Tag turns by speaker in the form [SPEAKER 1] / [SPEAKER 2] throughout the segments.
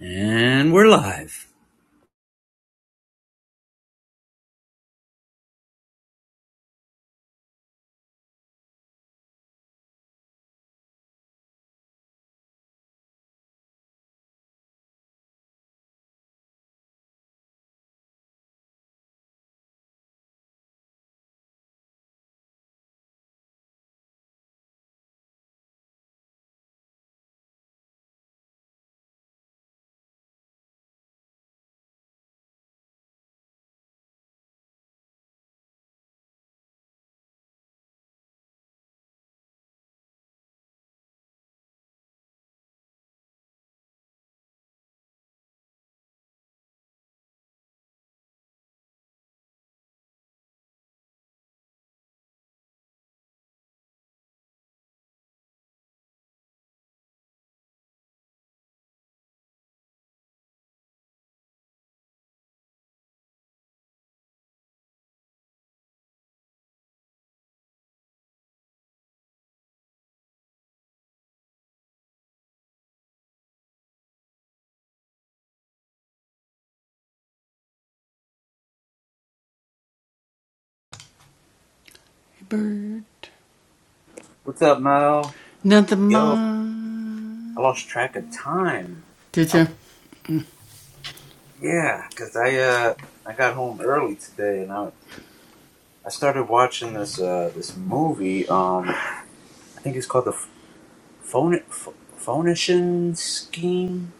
[SPEAKER 1] And we're live. What's up, Mo? Yo, I lost track of time. I, yeah, cause I uh I got home early today, and I I started watching this uh this movie. Um, I think it's called the Ph- phone Ph- phonician scheme.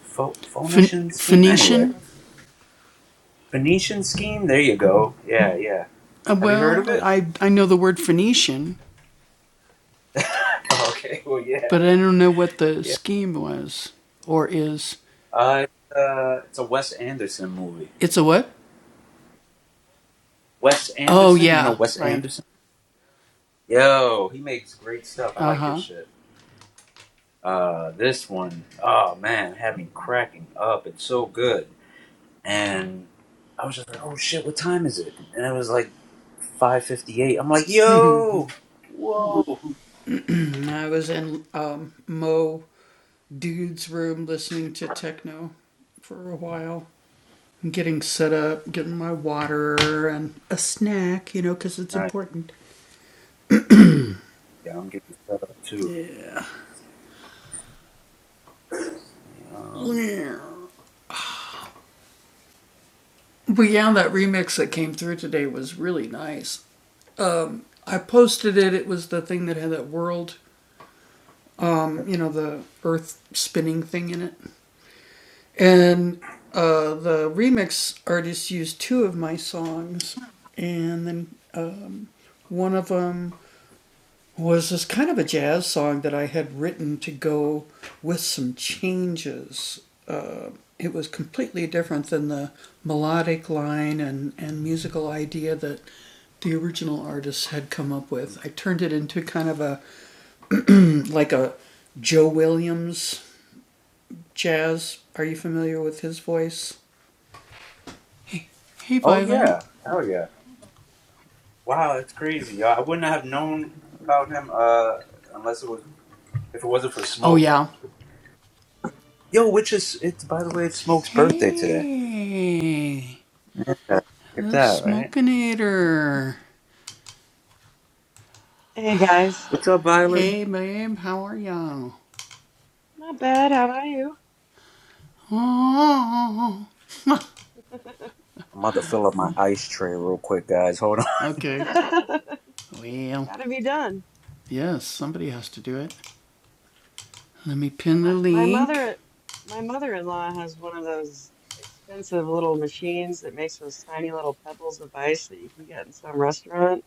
[SPEAKER 1] Pho- phonician scheme. Anyway, Phoenician scheme. There you go. Yeah, yeah. Have you heard of it? okay. Well, yeah, yeah. Uh, it's, uh, it's a Wes Anderson movie. Wes Anderson. You know Wes Anderson. Yo, he makes great stuff. I like his shit. Uh, this one, oh man, had me cracking up. It's so good. And I was just like, oh shit, what time is it? And it was like 5.58. I'm like, yo, whoa. All right, yeah, I'm getting set up too. Um, oh yeah, hell yeah. Wow, that's crazy. I I wouldn't have known about him uh, unless it was, if it wasn't for Smoke. Yo, which is, it's, by the way, it's Smoke's birthday today. Look at that, right?
[SPEAKER 2] Hey guys,
[SPEAKER 1] What's up, Violet?
[SPEAKER 2] not bad. How about you?
[SPEAKER 1] I'm about to fill up my ice tray real quick, guys. Hold on.
[SPEAKER 2] Gotta be done. My my mother my mother-in-law has one of those expensive little machines that makes those tiny little pebbles of ice that you can get in some restaurant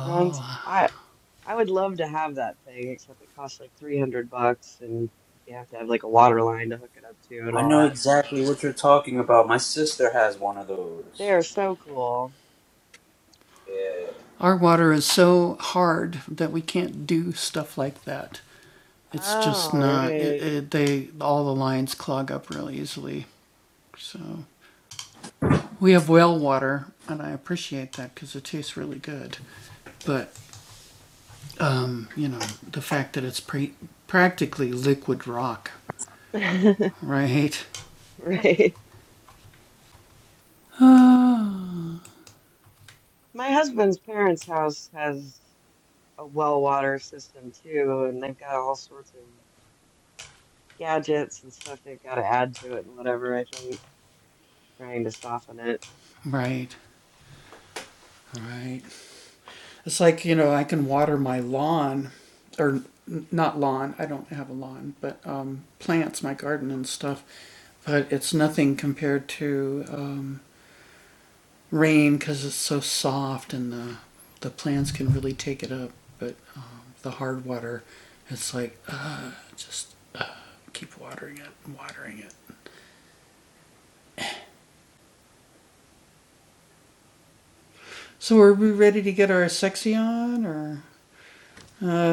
[SPEAKER 2] runs. I I would love to have that thing, except it costs like 300 bucks and you have to have like a water line to hook it up to and
[SPEAKER 1] I
[SPEAKER 2] all
[SPEAKER 1] know
[SPEAKER 2] that.
[SPEAKER 1] exactly what you're talking about. My sister has one of
[SPEAKER 2] They
[SPEAKER 1] those.
[SPEAKER 2] are so cool.
[SPEAKER 1] Yeah.
[SPEAKER 2] Oh, right. Right. My husband's parents' house has. a well water system too, and they've got all sorts of gadgets and stuff they've got to add to it and whatever, I think, trying to soften it.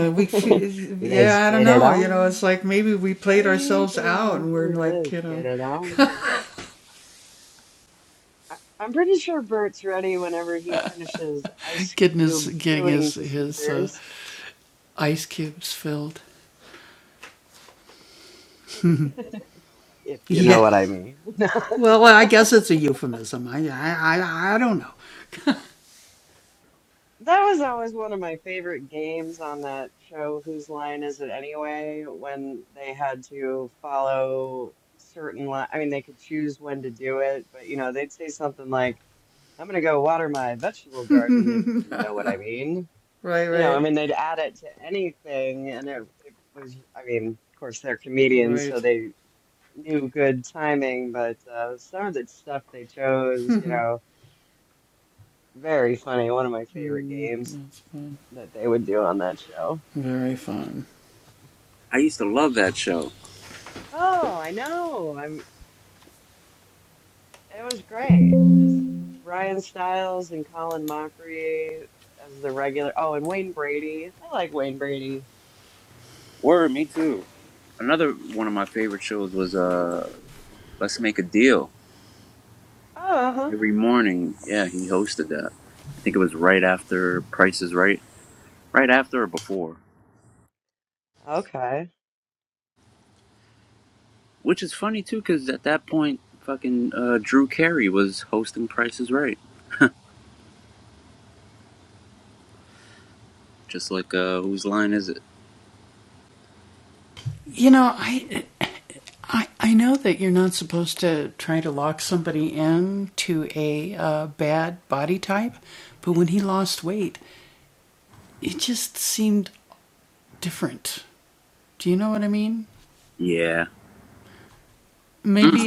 [SPEAKER 2] Let's get it on. Hey, baby, let's get it on. I- I'm pretty sure Bert's ready whenever he finishes ice cube filling procedures, if you know what I mean. That was always one of my favorite games on that show, Whose Line Is It Anyway? When they had to follow certain li I mean, they could choose when to do it, but you know, they'd say something like, I'm gonna go water my vegetable garden, if you know what I mean. You know, I mean, they'd add it to anything, and it, it was, I mean, of course, they're comedians, so they knew good timing, but uh, some of the stuff they chose, you know, very funny. One of my favorite games that they would do on that show.
[SPEAKER 1] I used to love that show.
[SPEAKER 2] Oh, I know. I'm. It was great. Just Ryan Stiles and Colin Mockery as the regular. Oh, and Wayne Brady. I like Wayne Brady.
[SPEAKER 1] Word, me too. Another one of my favorite shows was uh Let's Make a Deal.
[SPEAKER 2] Oh, uh-huh.
[SPEAKER 1] Every morning, yeah, he hosted that. I think it was right after Price is Right. Right after or before.
[SPEAKER 2] okay.
[SPEAKER 1] Which is funny too, because at that point, fucking uh, Drew Carey was hosting Price is Right. Just like, uh, whose line is it? Yeah. Mm.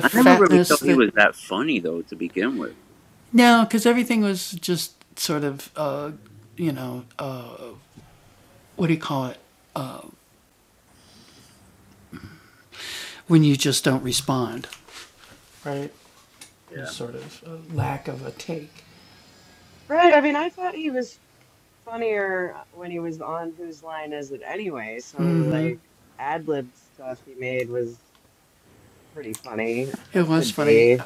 [SPEAKER 1] I never really thought he was that funny though to begin with. Yeah.
[SPEAKER 2] Right. I mean, I thought he was funnier uh, when he was on Whose Line Is It Anyway. Some of the like ad lib stuff he made was pretty funny, or could be.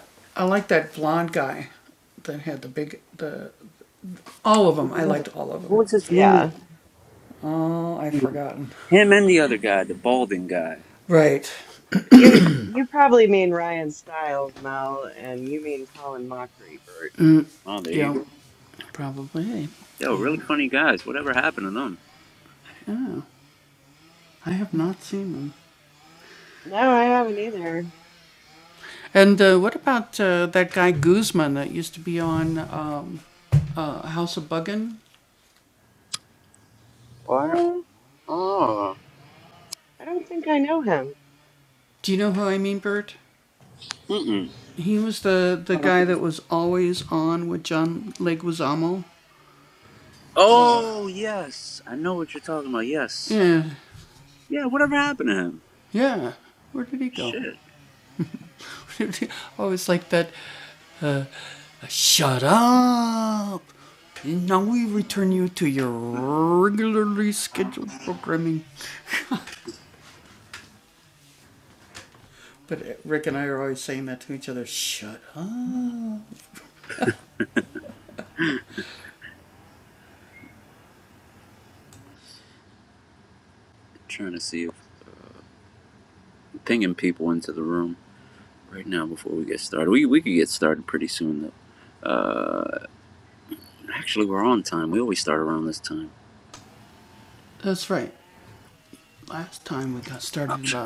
[SPEAKER 1] Yeah. What was his name?
[SPEAKER 2] Yeah.
[SPEAKER 1] Him and the other guy, the balding guy.
[SPEAKER 2] You you probably mean Ryan Stiles, Mel, and you mean Colin Mockery, Bert.
[SPEAKER 1] Oh, there you go. Yo, really funny guys. Whatever happened to them?
[SPEAKER 2] No, I haven't either.
[SPEAKER 1] Oh.
[SPEAKER 2] Uh,
[SPEAKER 1] I don't, oh.
[SPEAKER 2] I don't think I know him,
[SPEAKER 1] Mm-mm. I don't think. Oh yes, I know what you're talking about. Yes. Yeah. Whatever happened to him? Shit. trying to see if pinging people into the room right now before we get started. We we could get started pretty soon though. Actually, we're on time. We always start around this time. Ouch.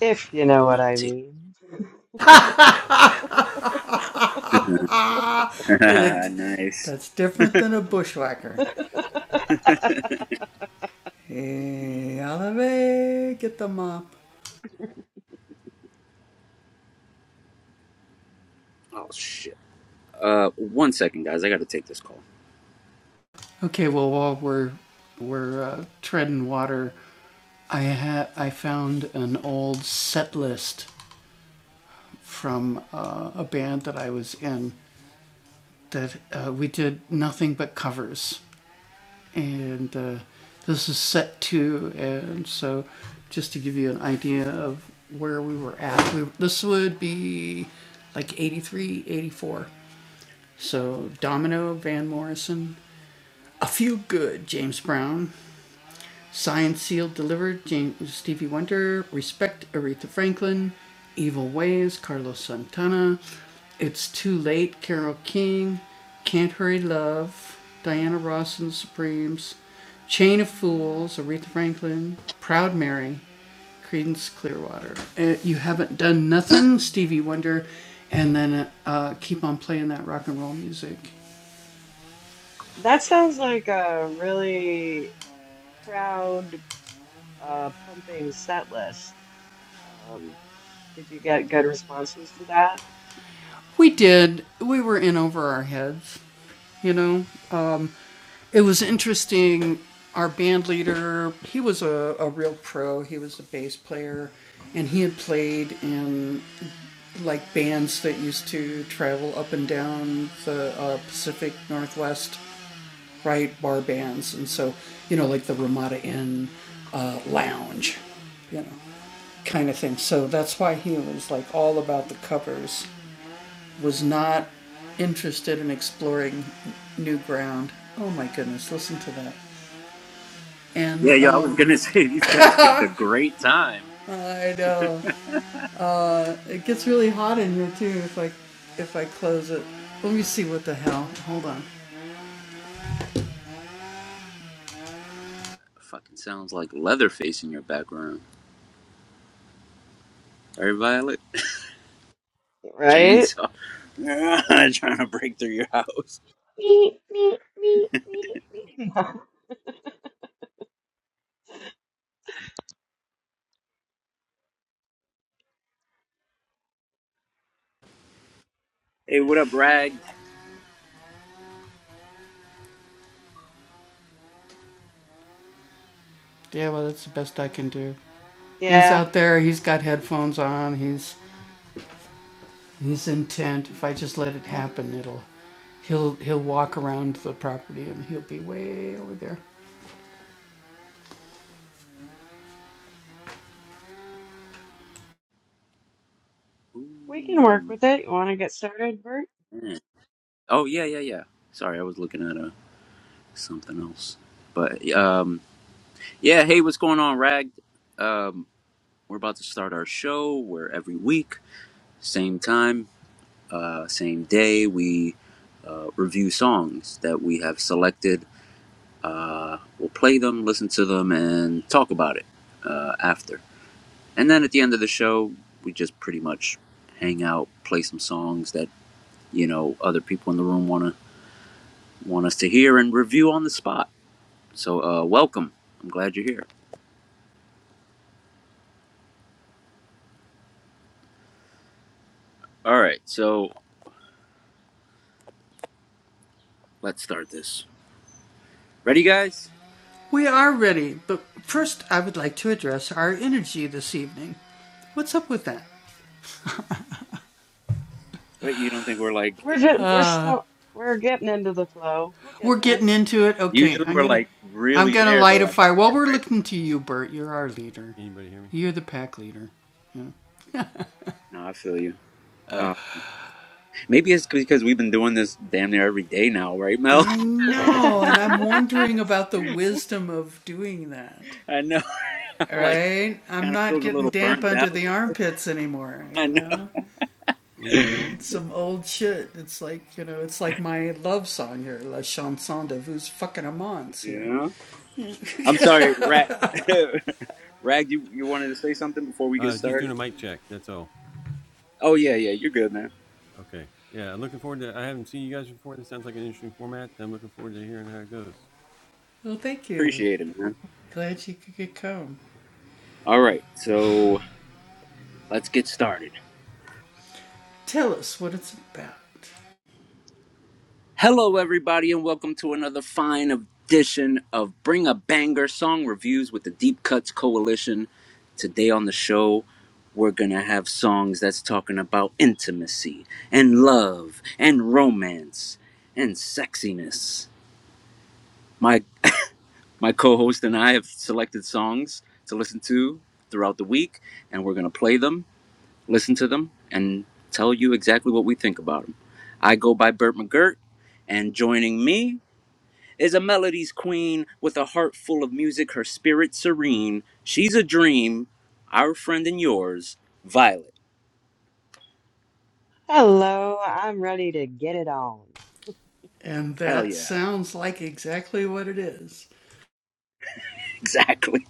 [SPEAKER 2] if you know
[SPEAKER 1] I'm
[SPEAKER 2] what
[SPEAKER 1] not
[SPEAKER 2] I
[SPEAKER 1] taking.
[SPEAKER 2] mean.
[SPEAKER 1] nice. Oh shit. Uh, one second, guys. I gotta take this call. Yeah,
[SPEAKER 2] That sounds like a really crowd uh, pumping set list. Um, did you get good responses to that?
[SPEAKER 1] yeah. I was gonna say these guys picked a great time. Fucking sounds like Leatherface in your background. Right, Violet?
[SPEAKER 2] Right?
[SPEAKER 1] Chainsaw. Trying to break through your house.
[SPEAKER 2] Meep, meep, meep, meep, meep.
[SPEAKER 1] Hey, what up, Rag?
[SPEAKER 2] Yeah,
[SPEAKER 1] Ooh,
[SPEAKER 2] we can work with it. You want to get started, Bert?
[SPEAKER 1] man. Oh yeah, yeah, yeah. Sorry, I was looking at uh, something else. But um, yeah. Hey, what's going on, Rag? Um, we're about to start our show. We're every week. Same time, uh, same day, we uh, review songs that we have selected. Uh, we'll play them, listen to them, and talk about it uh, after. And then at the end of the show, we just pretty much hang out, play some songs that you know other people in the room wanna want us to hear and review on the spot. So uh, welcome. I'm glad you're here. All right, so let's start this. Ready, guys? Uh, You don't think we're
[SPEAKER 2] We're
[SPEAKER 1] like
[SPEAKER 2] just, we're still we're getting into the flow. We'll get
[SPEAKER 1] usually we're like really there though at the start, right? No, I feel you. Uh, maybe it's because we've been doing this damn near every day now, right, Mel?
[SPEAKER 2] there.
[SPEAKER 1] I know. I'm like kind of feels a little burnt out. I know. yeah. I'm sorry, Rag. Rag, you you wanted to say something before we get started? Oh yeah, yeah. You're good, man. Appreciate it, man. All right, so let's get started. Hello, everybody, and welcome to another fine edition of Bring a Banger Song Reviews with the Deep Cuts Coalition. Today on the show, we're gonna have songs that's talking about intimacy and love and romance and sexiness. My my co-host and I have selected songs to listen to throughout the week, and we're gonna play them, listen to them, and tell you exactly what we think about them. I go by Burt McGirt, and joining me is a melody's queen with a heart full of music, her spirit serene. She's a dream, our friend and yours, Violet.
[SPEAKER 2] Hello, I'm ready to get it on.
[SPEAKER 1] Hell yeah, exactly.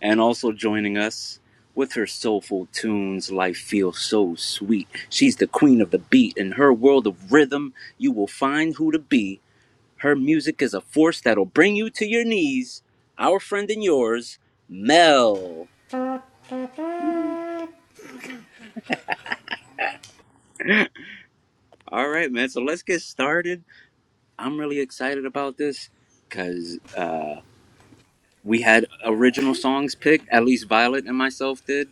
[SPEAKER 1] And also joining us with her soulful tunes, life feels so sweet. She's the queen of the beat. In her world of rhythm, you will find who to be. Her music is a force that'll bring you to your knees. Our friend and yours, Mel. All right, man. So let's get started I'm really excited about this because uh, we had original songs picked, at least Violet and myself did.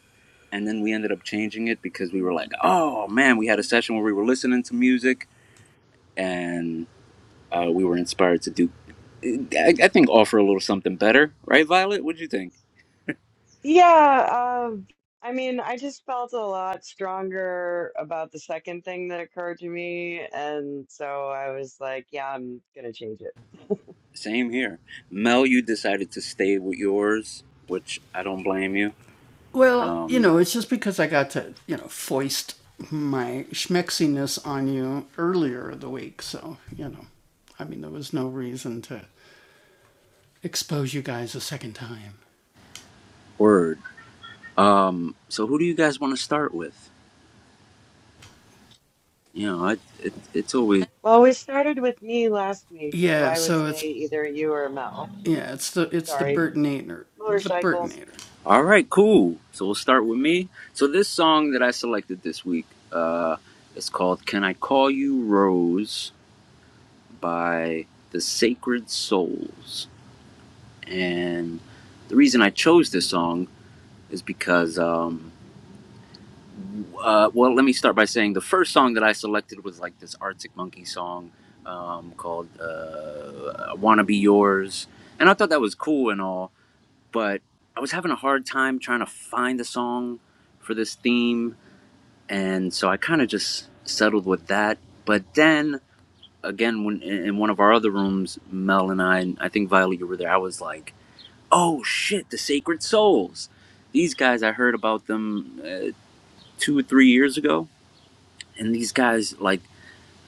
[SPEAKER 1] And then we ended up changing it because we were like, oh man, we had a session where we were listening to music and uh, we were inspired to do, I, I think, offer a little something better. Right, Violet? What'd you think?
[SPEAKER 2] Yeah, um, I mean, I just felt a lot stronger about the second thing that occurred to me, and so I was like, yeah, I'm gonna change it.
[SPEAKER 1] Same here. Mel, you decided to stay with yours, which I don't blame you. Um, word. Um, so who do you guys want to start with? You know, I, it, it's always.
[SPEAKER 2] Well, we started with me last week, so I would say either you or Mel. Oops, sorry, motorcycles.
[SPEAKER 1] All right, cool. So we'll start with me. So this song that I selected this week, uh, is called "Can I Call You Rose" by the Sacred Souls, and the reason I chose this song is because, um, uh, well, let me start by saying the first song that I selected was like this Arctic Monkey song um, called uh, "I Wanna Be Yours," and I thought that was cool and all, but I was having a hard time trying to find a song for this theme and so I kind of just settled with that. But then again, when in one of our other rooms, Mel and I, and I think Violet, you were there. I was like, "Oh shit, the Sacred Souls! These guys, I heard about them uh, two or three years ago, and these guys like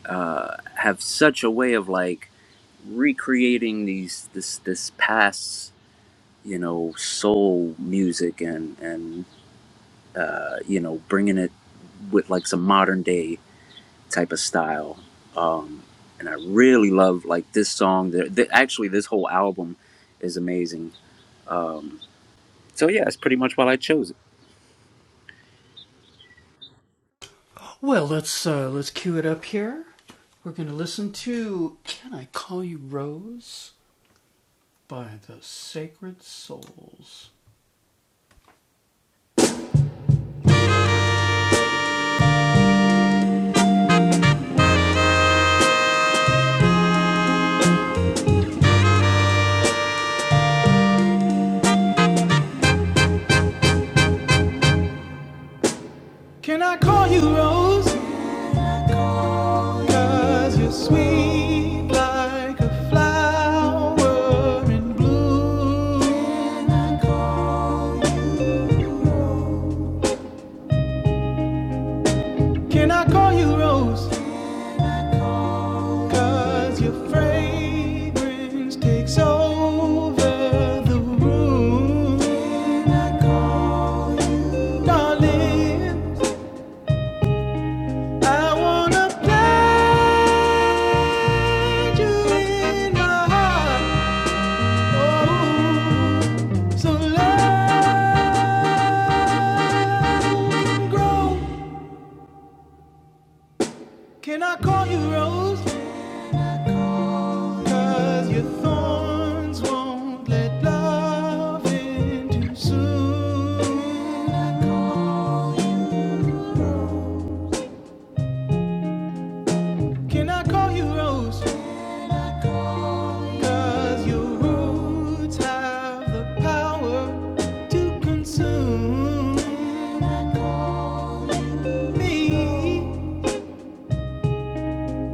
[SPEAKER 1] uh, have such a way of like recreating these this this past you know soul music and and uh, you know bringing it with like some modern day type of style. Um, and I really love like this song. The, the, actually, this whole album is amazing. Um, so yeah, that's pretty much why I chose it.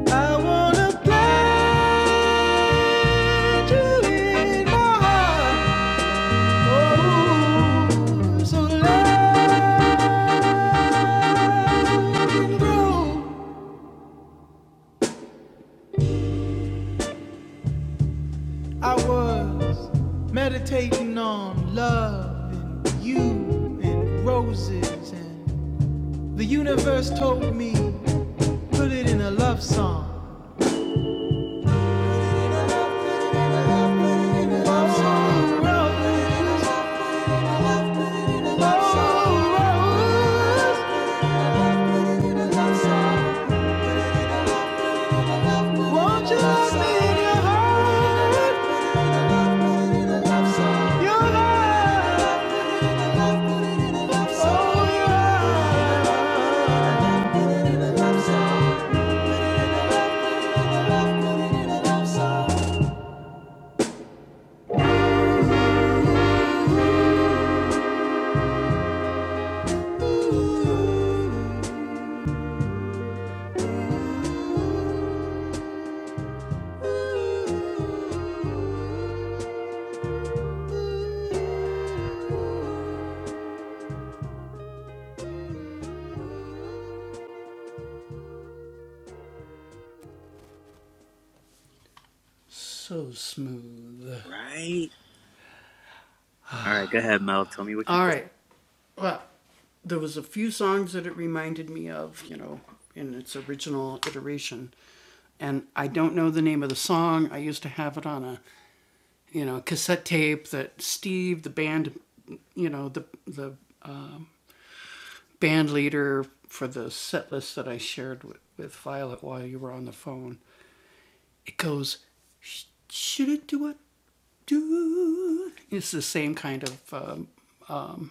[SPEAKER 3] I wanna plant you in my heart. Oh, so let it grow. I was meditating on love and you and roses, and the universe told me put it in a love song. Won't you let me in your heart? Your heart. Oh, your heart.
[SPEAKER 1] Right. All right. Go ahead, Mel. Tell me what you think.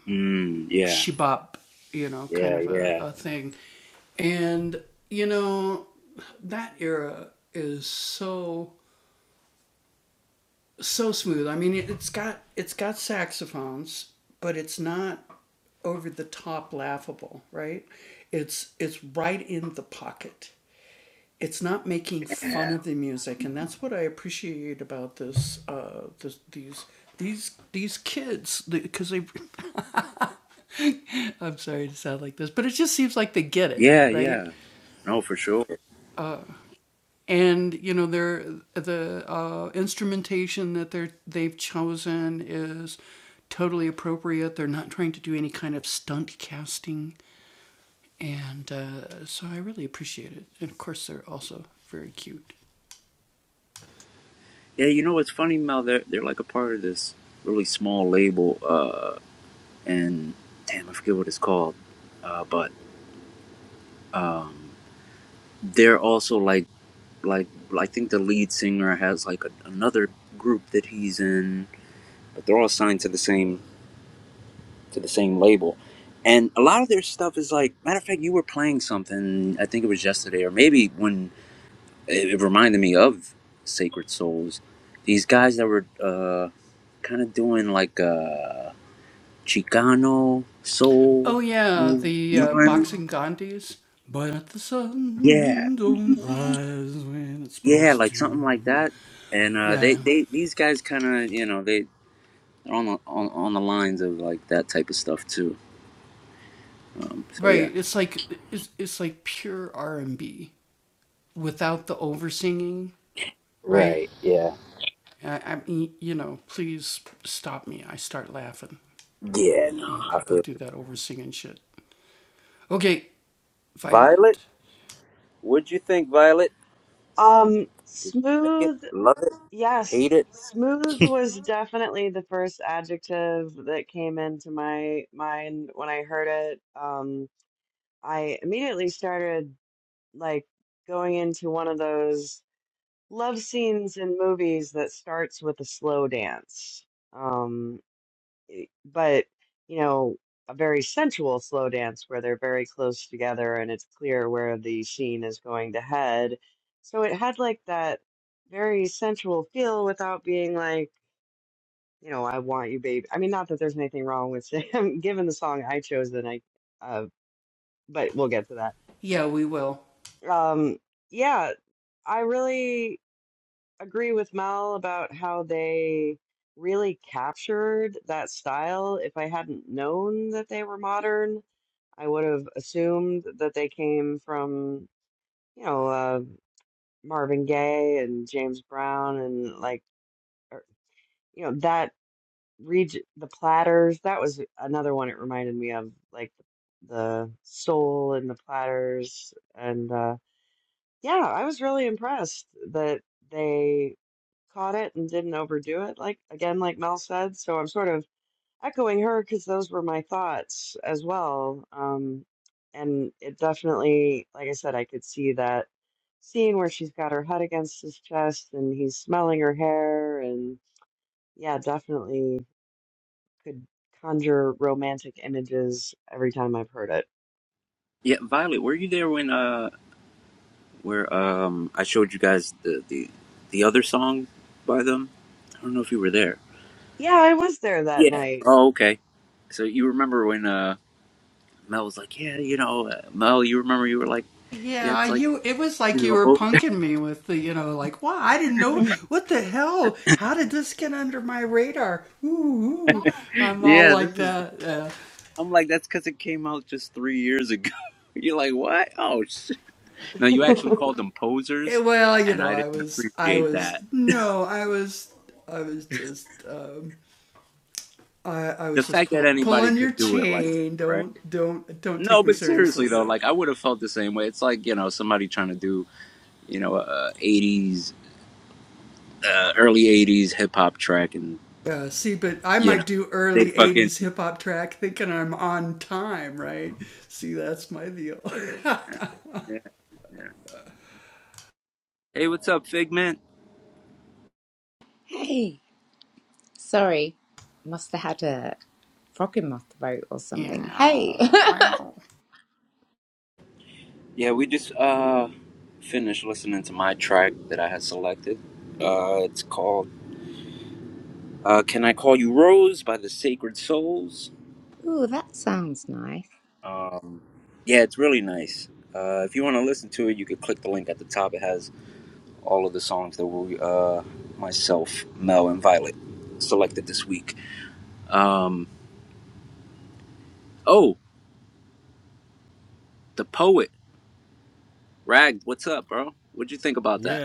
[SPEAKER 1] Mm, yeah. Yeah. Yeah. Yeah. Yeah. Yeah. No, for sure. Yeah. You know, what's funny, Mel. They're they're like a part of this really small label. Uh, and damn, I forget what it's called. Uh, but um, they're also like like I think the lead singer has like a, another group that he's in, but they're all signed to the same to the same label. And a lot of their stuff is like matter of fact, you were playing something I think it was yesterday or maybe when it, it reminded me of Sacred Souls. These guys that were uh, kind of doing like a Chicano soul move, you know what I mean? Yeah, yeah, like something like that. And uh, they they these guys kind of you know they. they're on the on, on the lines of like that type of stuff too. Um, so yeah. Right. Yeah. Yeah, no, I feel you. Violet, what'd you think, Violet?
[SPEAKER 2] Um,
[SPEAKER 1] Like it,
[SPEAKER 2] smooth,
[SPEAKER 1] love it,
[SPEAKER 2] yes,
[SPEAKER 1] hate it?
[SPEAKER 2] smooth was definitely the first adjective that came into my mind when I heard it. Um, I immediately started like going into one of those love scenes in movies that starts with a slow dance. Um, but, you know, a very sensual slow dance where they're very close together and it's clear where the scene is going to head. So it had like that very sensual feel without being like, you know, I want you, baby. I mean, not that there's anything wrong with saying, given the song I chose, then I, uh, but we'll get to that. Um, yeah, I really agree with Mel about how they really captured that style. If I hadn't known that they were modern, I would have assumed that they came from, you know, uh, Marvin Gaye and James Brown and like, or, you know, that region, the Platters. That was another one it reminded me of, like the Soul and the Platters. And uh, yeah, I was really impressed that they caught it and didn't overdo it like again like mel said so i'm sort of echoing her because those were my thoughts as well um, and it definitely like i said i could see that scene where she's got her head against his chest and he's smelling her hair and yeah definitely could conjure romantic images every time i've heard it
[SPEAKER 1] Yeah, Violet, were you there when uh where um I showed you guys the the the other song by them? I don't know if you were there.
[SPEAKER 2] yeah i was there that
[SPEAKER 1] Yeah.
[SPEAKER 2] night
[SPEAKER 1] Oh, okay. So you remember when uh Mel was like, yeah, you know, uh, Mel, you remember you were like, yeah, it's like, you know, oh, yeah, this is I'm like, that's because it came out just three years ago. You're like, what? Oh, shit. No, you actually called them posers, and I didn't appreciate that. The fact that anybody could do it like that, right? No, but seriously, though, like, I would have felt the same way. It's like, you know, somebody trying to do, you know, uh, 80s, uh, early 80s hip hop track, and, you know, they fucking. Yeah, yeah. Hey, what's up, Figment?
[SPEAKER 4] Hey, sorry, must have had a frog in my throat or something. Hey,
[SPEAKER 1] Yeah, we just uh finished listening to my track that I had selected. Uh, it's called. Uh, Can I Call You Rose by the Sacred Souls.
[SPEAKER 4] ooh, that sounds nice.
[SPEAKER 1] Um, yeah, it's really nice. Uh, if you want to listen to it, you could click the link at the top. It has all of the songs that we, uh, myself, Mel, and Violet selected this week. Um, oh, The Poet. Rag, what's up, bro? What'd you think about that?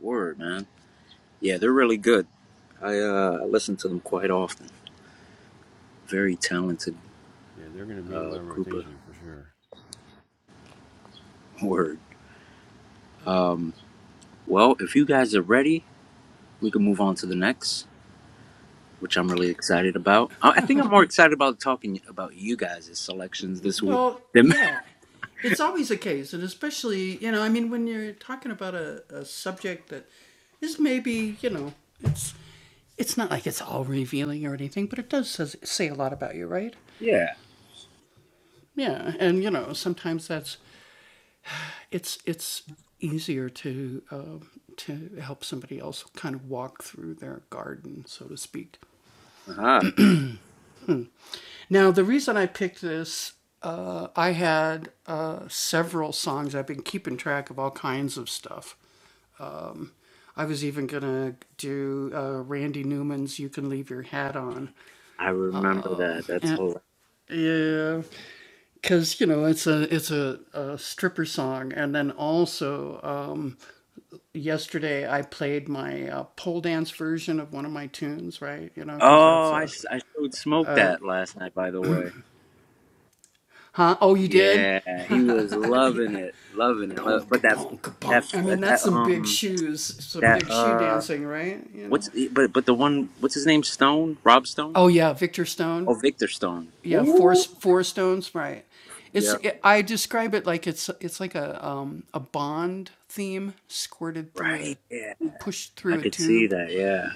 [SPEAKER 1] Word, man. Yeah, they're really good. I, uh, I listen to them quite often. Very talented uh, group of word. Um, well, if you guys are ready, we can move on to the next. which I'm really excited about. I I think I'm more excited about talking about you guys' selections this week. Than yeah, uh-huh. I remember that. That's hilarious. Oh, I, s- I showed Smoke that last night, by the way. Yeah, he was loving it, loving it. Lo- But that that that um that uh what's eh, but but the one what's his name Stone Rob Stone oh Victor Stone. Ooh, yeah, right. Yeah, I could see that. Yeah.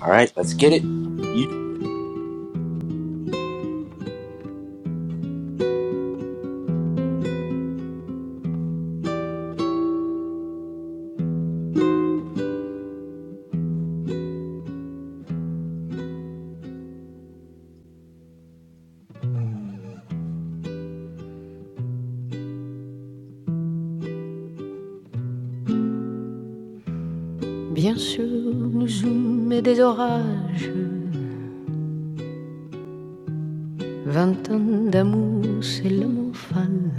[SPEAKER 1] All right, let's get it. You
[SPEAKER 3] Bien sûr, nous sommes des orages. Vingt ans d'amour, c'est l'amour fan.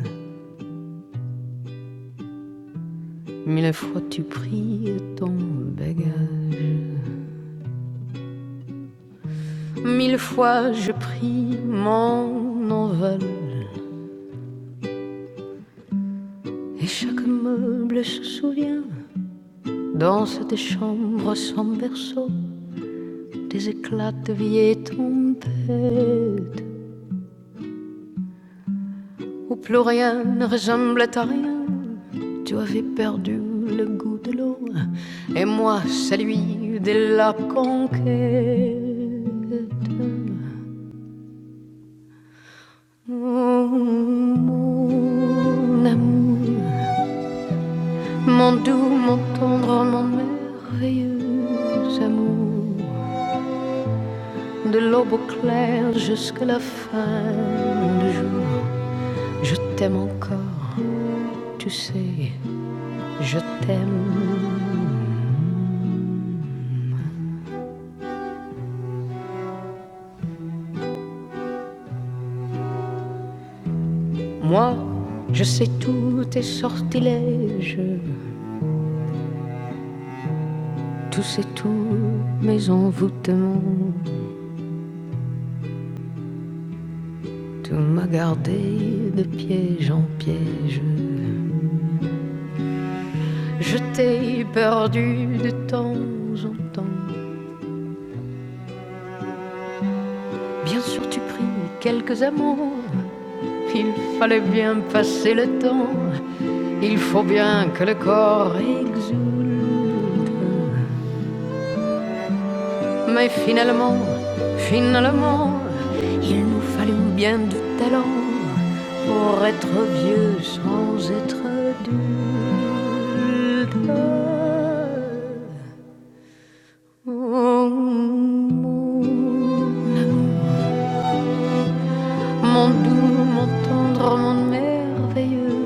[SPEAKER 3] Mille fois tu pries ton bagage. Mille fois je prie mon envol. Et chaque meuble se souvient. Dans cette chambre sans berceau, des éclats de vieille tempête. où plus rien ne ressemblait à rien. Tu avais perdu le goût de l'eau et moi celui de la conquête. Oh, mon amour, mon doux, mon tendre, mon merveilleux amour, de l'aube au clair jusqu'à la fin du jour, je t'aime encore, tu sais, je t'aime. Moi, je sais tous tes sortilèges, tous et tous mes envoûtements. Tout m'a gardé de piège en piège. Je t'ai perdu de temps en temps. Bien sûr, tu pris quelques amants. Il fallait bien passer le temps. Il faut bien que le corps exulte. Mais finalement, finalement, il nous fallut bien du talent pour être vieux sans être dull. Oh, mon amour. Mon doux, mon tendre, mon merveilleux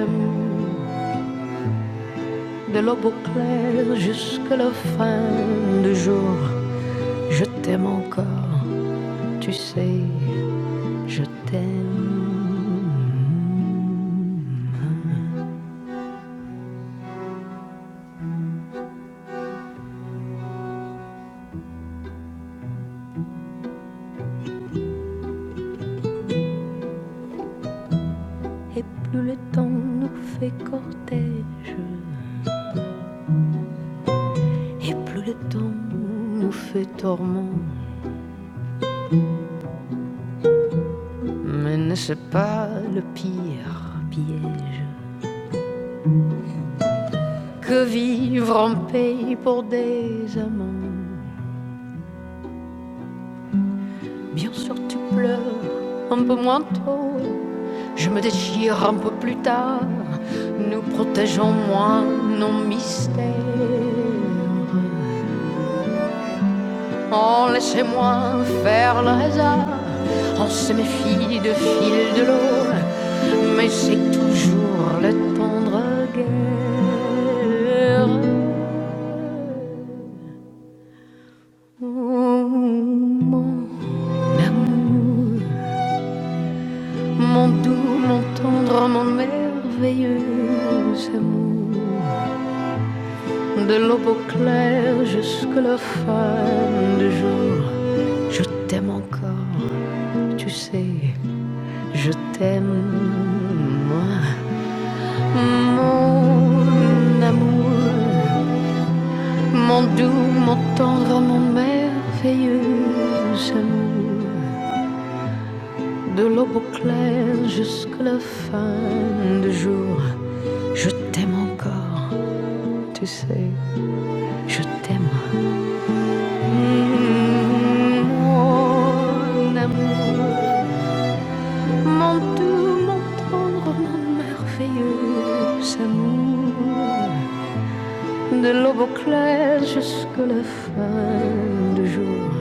[SPEAKER 3] amour, de l'aube au clair jusqu'à la fin du jour Je t'aime encore, tu sais Je t'aime et plus le temps nous fait cortège et plus le temps nous fait torment. Mais ne c'est pas le pire piège que vivre en paix pour des amants. Bien sûr tu pleures un peu moins tôt, je me déchire un peu plus tard. Nous protégeons moins nos mystères. On laissait moi faire le hasard, on se méfie de fil de l'eau, mais c'est toujours le tendre guerre. Oh, mon amour, mon doux, mon tendre, mon merveilleux amour, de l'aube au clair jusqu'à la fin du jour, je t'aime encore, tu sais. Je t'aime, moi, mon amour, mon doux, mon tendre, mon merveilleux amour. De l'aube au clair jusqu'à la fin du jour, je t'aime encore, tu sais, je t'aime. Mon amour, mon doux, mon tendre, mon merveilleux amour. de l'aube au clair jusque la fin du jour.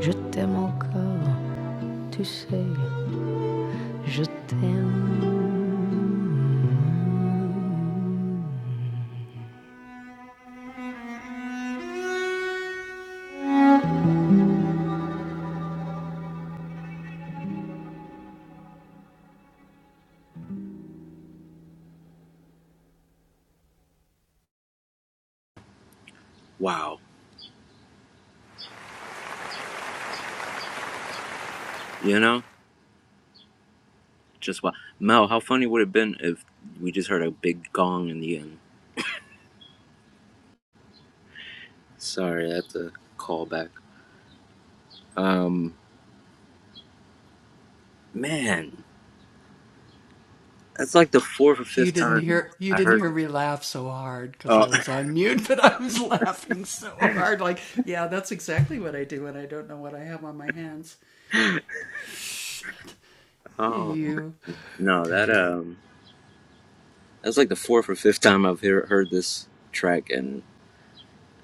[SPEAKER 3] Je t'aime encore, tu sais, je t'aime.
[SPEAKER 1] Wow. You know, just wow. Mel, how funny would it have been if we just heard a big gong in the end? Sorry, that's a callback. Um, man, that's like the fourth or fifth time I heard. That. Oh, oh, no, that um, that's like the fourth or fifth time I've hear, heard this track, and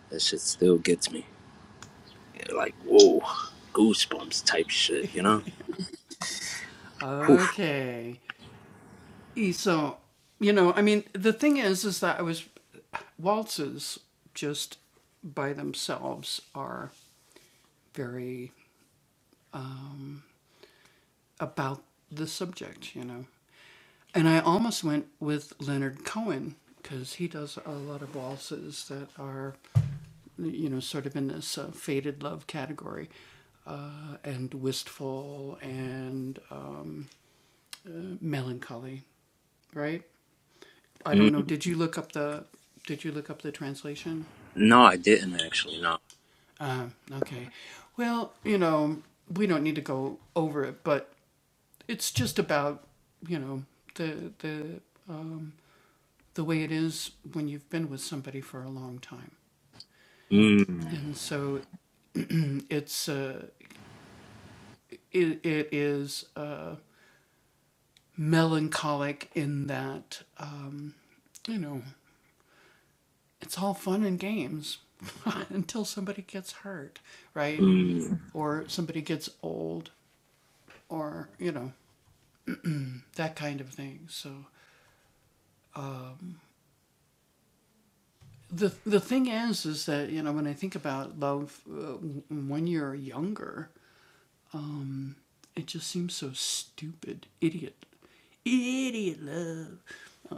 [SPEAKER 1] that shit still gets me. Like, whoa, goosebumps type shit. You know? Whew. Mm, no, I didn't actually. No. Mm, mm.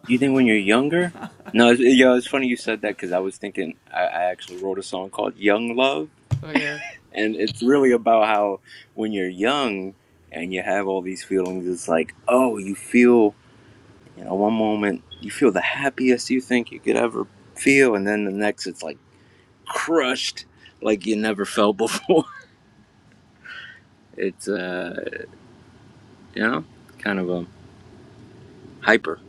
[SPEAKER 1] You think when you're younger? No, it's, yeah, it's funny you said that because I was thinking I, I actually wrote a song called "Young Love," and it's really about how when you're young and you have all these feelings, it's like, oh, you feel, you know, one moment you feel the happiest you think you could ever feel, and then the next it's like crushed, like you never felt before. It's uh, you know, kind of a hyper.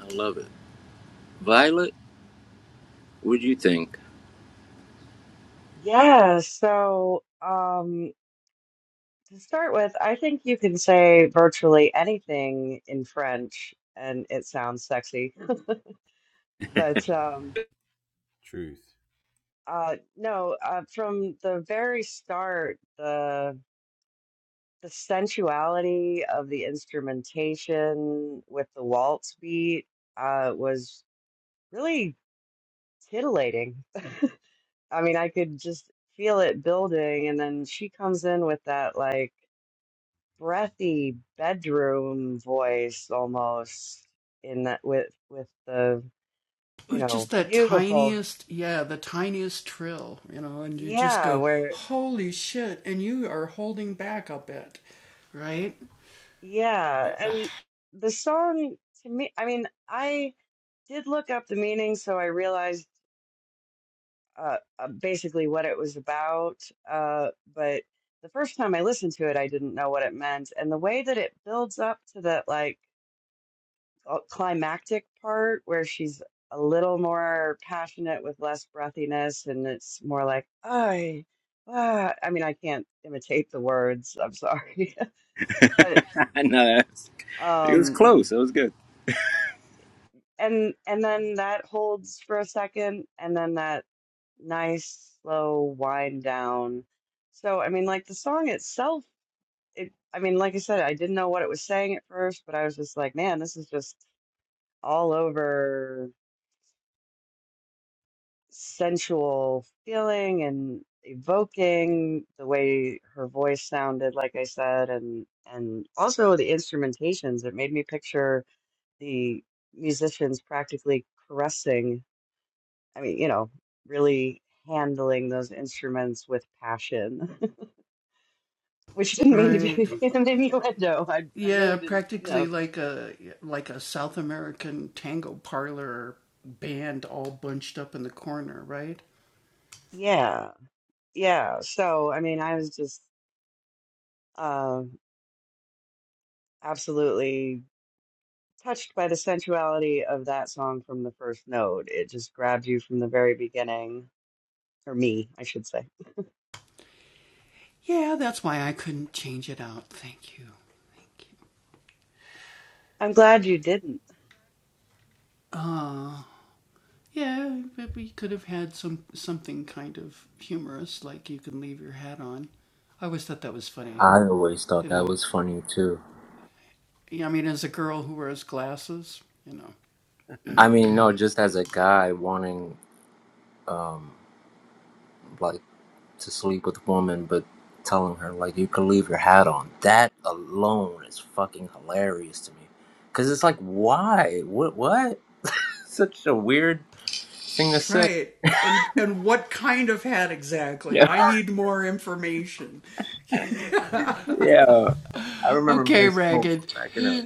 [SPEAKER 1] I love it. Violet, what'd you think?
[SPEAKER 2] yeah so um To start with, I think you can say virtually anything in French and it sounds sexy. But um, uh, no, uh, from the very start, the the sensuality of the instrumentation with the waltz beat uh, was really titillating. I mean, I could just feel it building, and then she comes in with that like. breathy bedroom voice almost in that with with the you know beautiful yeah where yeah and the song to me i mean i did look up the meaning so i realized uh, uh, basically what it was about uh, but the first time i listened to it i didn't know what it meant and the way that it builds up to that like uh, climactic part where she's a little more passionate with less breathiness and it's more like i ah. i mean i can't imitate the words i'm sorry but
[SPEAKER 1] no, it was
[SPEAKER 2] um
[SPEAKER 1] close. That was good.
[SPEAKER 2] and and then that holds for a second and then that nice slow wind down so i mean like the song itself it i mean like i said i didn't know what it was saying at first but i was just like man this is just all over sensual feeling and evoking the way her voice sounded like i said and and also the instrumentations it made me picture the musicians practically caressing i mean you know really handling those instruments with passion which didn't mean to be an innuendo i, I really didn't know yeah yeah so i mean i was just uh absolutely touched by the sensuality of that song from the first note. It just grabbed you from the very beginning, or me, I should say. I'm glad you didn't.
[SPEAKER 1] I always thought that was funny too. I mean, no, just as a guy wanting, um, like to sleep with a woman, but telling her like you can leave your hat on. That alone is fucking hilarious to me, because it's like, why? What? What? Such a weird thing to say. Yeah, yeah. I remember being smoked cracking up.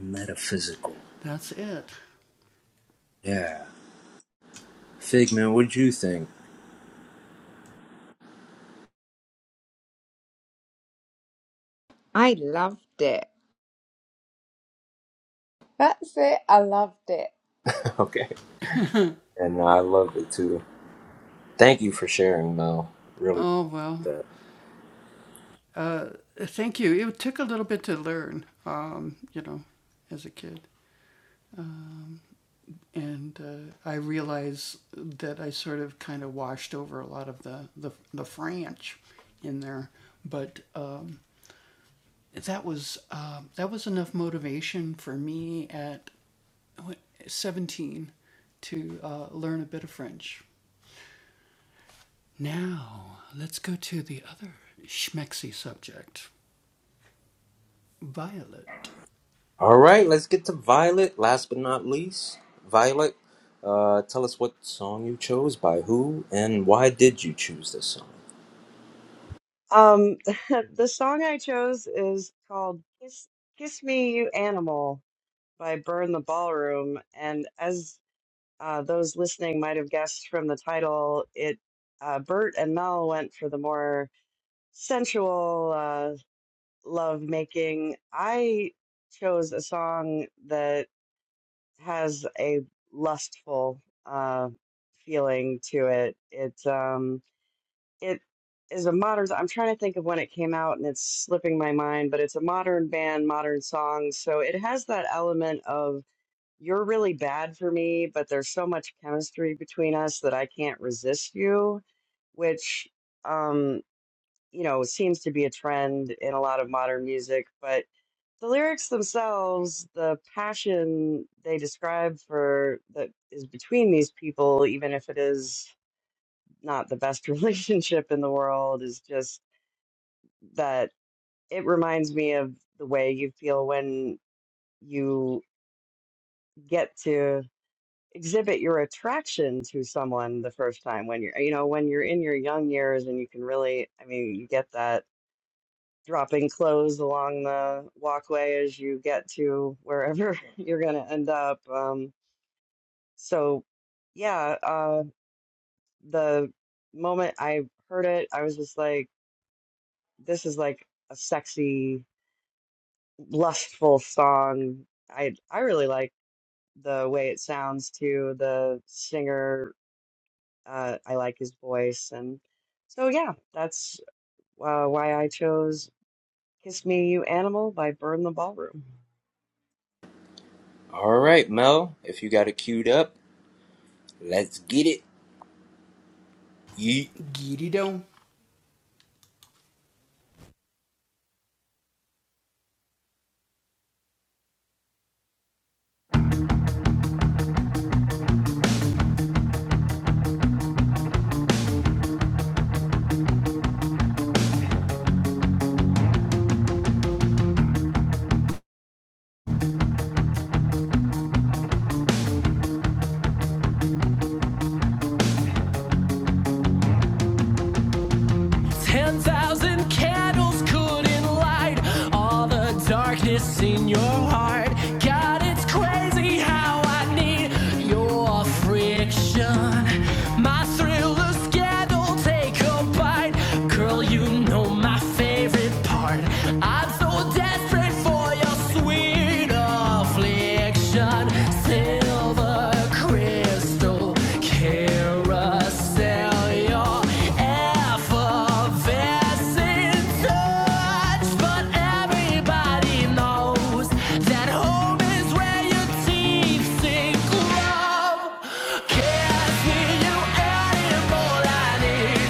[SPEAKER 1] Metaphysical. Yeah. Figman, what'd you think?
[SPEAKER 4] I loved it. That's it. I loved it.
[SPEAKER 1] Okay. And I loved it too. Thank you for sharing, Mel. Really. that. All right, let's get to Violet. Last but not least, Violet, uh, tell us what song you chose, by who, and why did you choose this song?
[SPEAKER 2] Um, the song I chose is called "Kiss, Kiss Me, You Animal" by Burn the Ballroom, and as uh, those listening might have guessed from the title, it uh, Bert and Mel went for the more sensual uh, love making. I chose a song that has a lustful uh, feeling to it. It um, it is a modern. I'm trying to think of when it came out, and it's slipping my mind. But it's a modern band, modern songs, so it has that element of you're really bad for me, but there's so much chemistry between us that I can't resist you, which um, you know seems to be a trend in a lot of modern music, but the lyrics themselves, the passion they describe for that is between these people, even if it is not the best relationship in the world, is just that it reminds me of the way you feel when you get to exhibit your attraction to someone the first time when you're you know when you're in your young years and you can really i mean you get that dropping clothes along the walkway as you get to wherever you're going to end up Um, So, yeah, uh, the moment I heard it, I was just like, this is like a sexy, lustful song. I I really like the way it sounds too. The singer, uh, I like his voice, and so yeah, that's uh, why I chose "Kiss Me, You Animal" by Burn the Ballroom.
[SPEAKER 1] All right, Mel, if you got it queued up, let's get it. Yeet.
[SPEAKER 3] 10,000 candles couldn't light all the darkness in your heart. God, it's crazy how I need your friction. My thriller scandal, take a bite. Girl, you know my favorite part. I'm so desperate for your sweet affliction. Silver crystal carousel feel your effervescent touch, but everybody knows that home is where your teeth sink low. Can't see you anymore. I need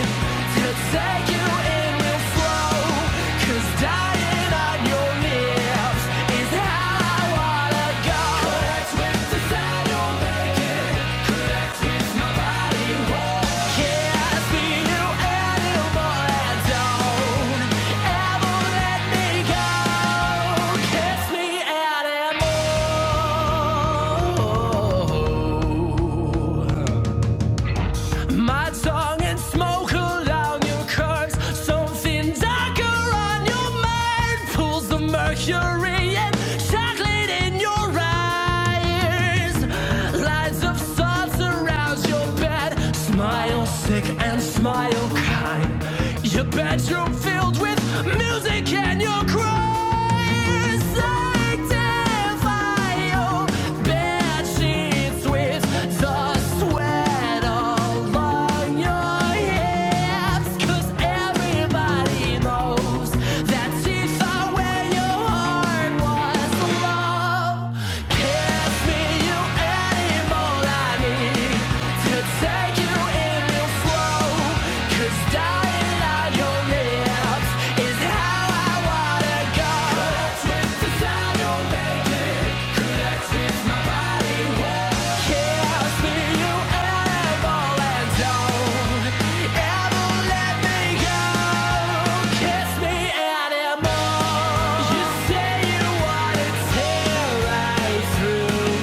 [SPEAKER 3] to take you in real slow, 'cause dying on your lips is how I wanna go. Correct with desire, you'll make it anymore my tongue and smoke around your curves. Something darker on your mind pulls the mercury and chocolate in your eyes. Lines of salt surrounds your bed. Smile sick and smile kind. Your bedroom filled with music and your cries. Sanctify your bed sheets with with the sweat along your hips. 'Cause everybody knows that she's where your heart was low. Kiss me, you animal I need to take you in slow. 'Cause dying on your lips is how I wanna go. Twist the sound you're me, You wanna through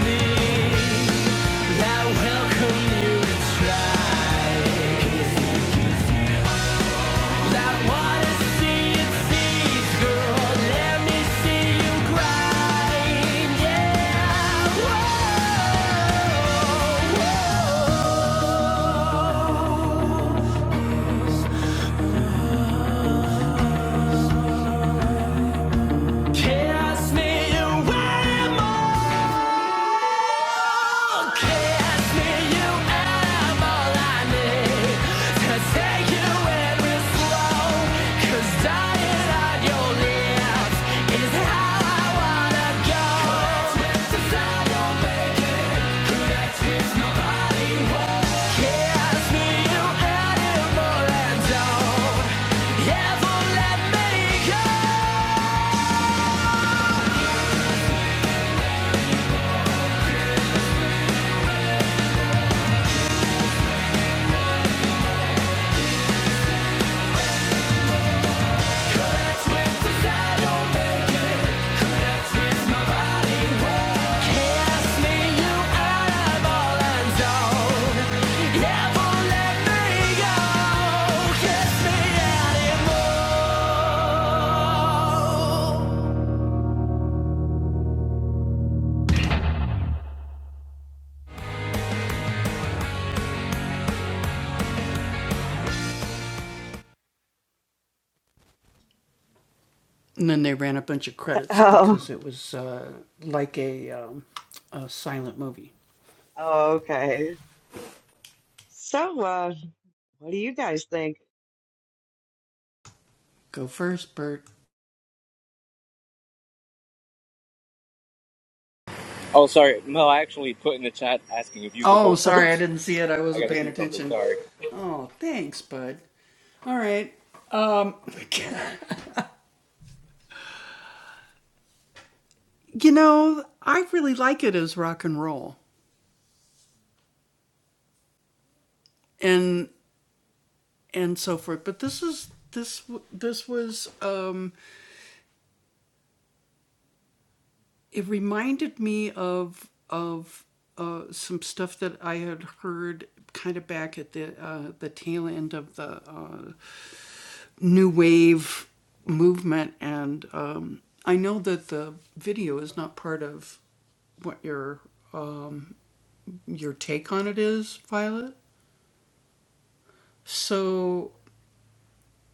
[SPEAKER 3] me, I welcome you to Try. Cast me away, my Don't ever let me go, 'cause I don't
[SPEAKER 2] Oh, oh, Okay. So, uh, what do you guys think?
[SPEAKER 1] Oh, sorry, Mel. I actually put in the chat asking if you could go first. I gotta do something. Sorry.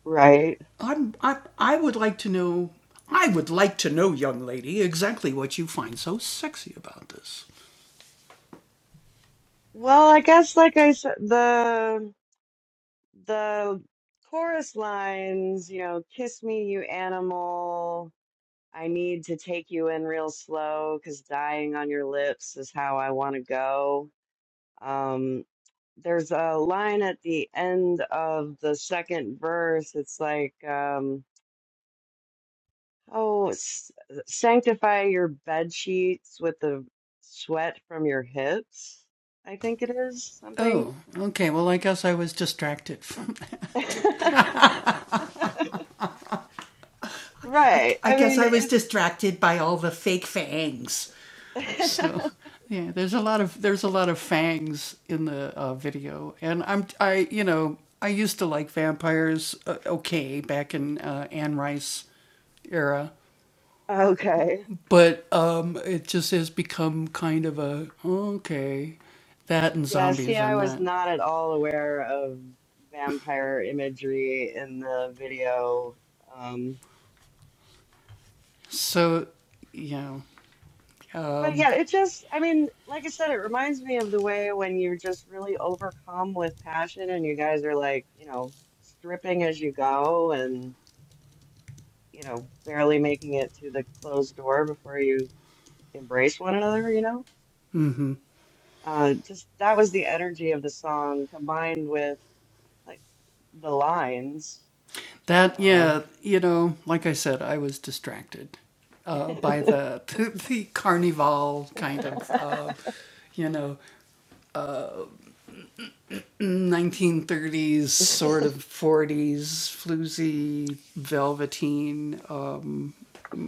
[SPEAKER 2] Right. Well, I guess like I said, the the chorus lines, you know, kiss me, you animal. I need to take you in real slow because dying on your lips is how I want to go. Um, there's a line at the end of the second verse. It's like, um, oh, s- sanctify your bed sheets with the sweat from your hips. I think it is something. Right. I mean, it, Okay. Yeah, see, I was not at all aware of vampire imagery in the video. Um, but yeah, it just, I mean, like I said, it reminds me of the way when you're just really overcome with passion and you guys are like, you know, stripping as you go and, you know, barely making it to the closed door before you embrace one another, you know? Uh, just that was the energy of the song combined with like the lines. Uh,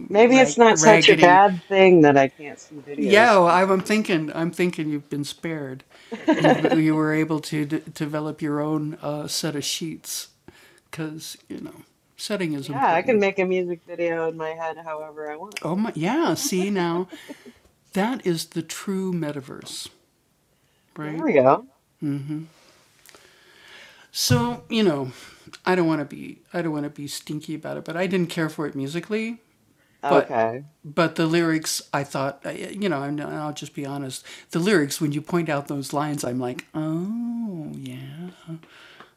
[SPEAKER 2] Maybe it's not such a bad thing that I can't see videos sometimes. yeah, I can make a music video in my head however I want. There we go. Okay.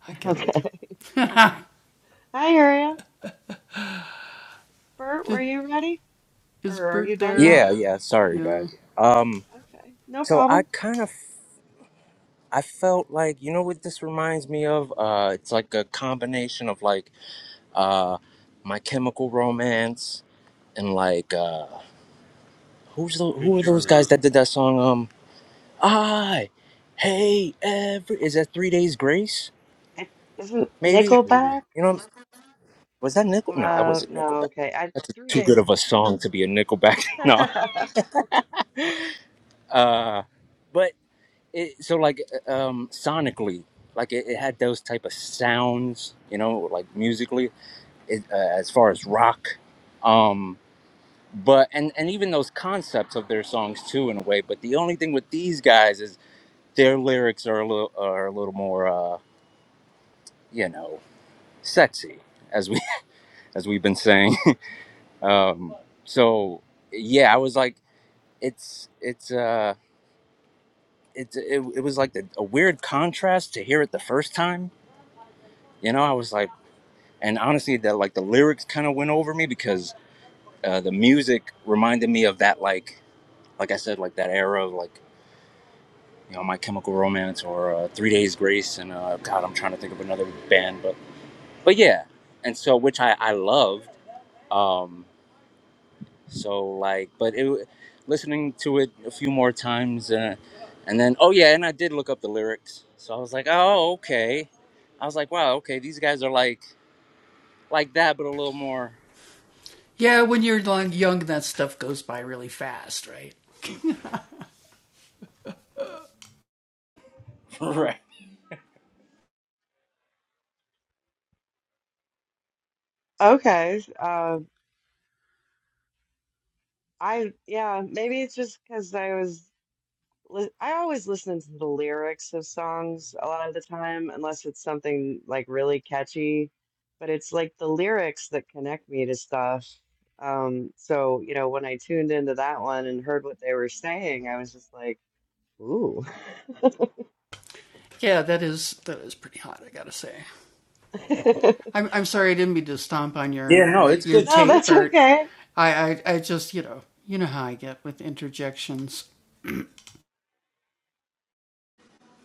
[SPEAKER 2] Okay. Hi, Aria. Bert, were you ready? Or are you done, Mel?
[SPEAKER 1] Yeah, yeah. Sorry, guys. Um,
[SPEAKER 2] Okay. No
[SPEAKER 1] so I
[SPEAKER 2] problem.
[SPEAKER 1] kind of, I felt like you know what this reminds me of. Uh, it's like a combination of like, uh, My Chemical Romance. and like uh who's the who are those guys that did that song um i hey every is that three days grace
[SPEAKER 2] It isn't
[SPEAKER 1] maybe
[SPEAKER 2] Nickelback?
[SPEAKER 1] you know was that nickel no nah, it
[SPEAKER 2] Well,
[SPEAKER 1] wasn't
[SPEAKER 2] no,
[SPEAKER 1] nickelback
[SPEAKER 2] okay. I
[SPEAKER 1] that's
[SPEAKER 2] three
[SPEAKER 1] too good
[SPEAKER 2] days.
[SPEAKER 1] of a song to be a nickelback no uh but it so like uh, um sonically like it, it had those type of sounds you know like musically it, uh, as far as rock um but and and even those concepts of their songs too in a way but the only thing with these guys is Their lyrics are a little are a little more uh, you know sexy as we as we've been saying. Um, so yeah, I was like, it's it's uh it's it, it was like the, a weird contrast to hear it the first time. You know, I was like, and honestly, that like the lyrics kind of went over me because uh, the music reminded me of that like like I said like that era of like you know, My Chemical Romance or uh, Three Days Grace, and uh, God, I'm trying to think of another band, but yeah and so which i i loved um so like but it listening to it a few more times uh, and then oh yeah and i did look up the lyrics so i was like oh okay i was like wow okay these guys are like like that but a little more right.
[SPEAKER 2] okay. Uh, I yeah, maybe it's just because I was li- I always listen to the lyrics of songs a lot of the time, unless it's something like really catchy. But it's like the lyrics that connect me to stuff. Um, so, you know, when I tuned into that one and heard what they were saying, I was just like, ooh.
[SPEAKER 1] yeah no it's good
[SPEAKER 2] No,
[SPEAKER 1] shit
[SPEAKER 2] that's okay.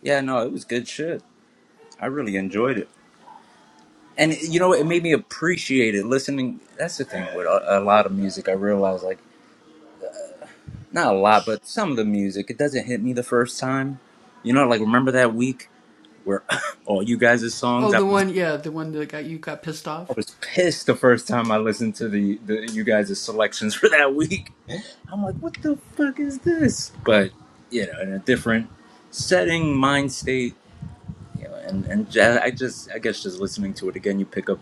[SPEAKER 1] yeah no it was good shit i really enjoyed it and you know it made me appreciate it listening that's the thing with a, a lot of music i realized like. not a lot, but some of the music. It doesn't hit me the first time. You know, like remember that week where all you guys' songs. I was, I was pissed the first time I listened to the, the you guys' selections for that week. I'm like, what the fuck is this? But you know, in a different setting, mind state, you know, and and ja- I just I guess just listening to it again, you pick up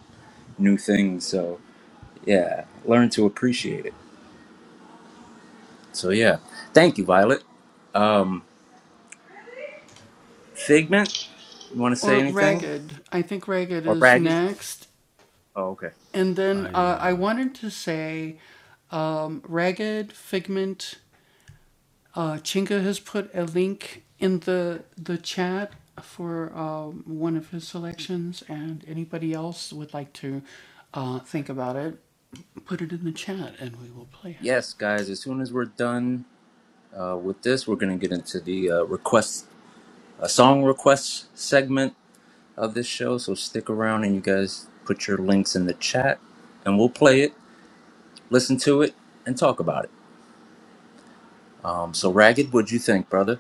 [SPEAKER 1] new things. So yeah, learn to appreciate it. So yeah, thank you, Violet. Um, Figment, you want to say anything? Or ragged? Oh, okay. Yes, guys, as soon as we're done uh, with this, we're going to get into the uh, request, uh, song request segment of this show. So stick around and you guys put your links in the chat and we'll play it, listen to it, and talk about it. Um, so, Ragged, what'd you think, brother?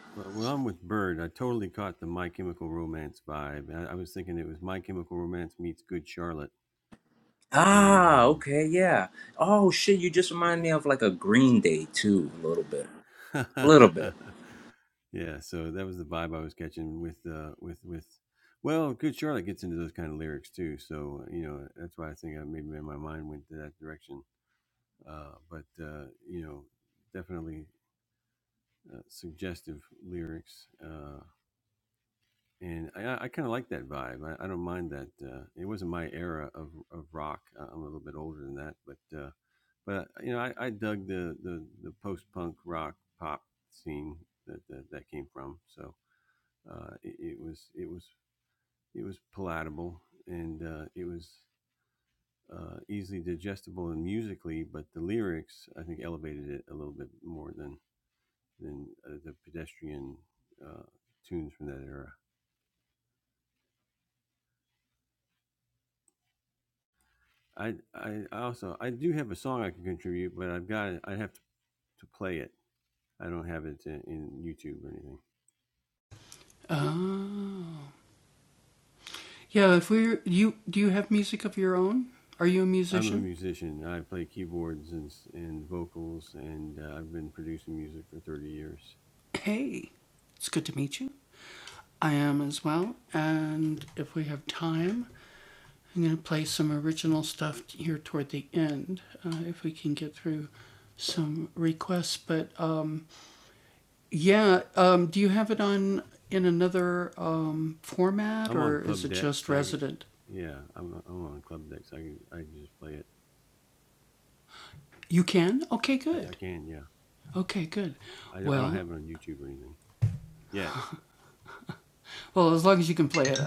[SPEAKER 1] Ah, okay, yeah. Oh, shit, you just remind me of like a Green Day, too, a little bit. A little bit.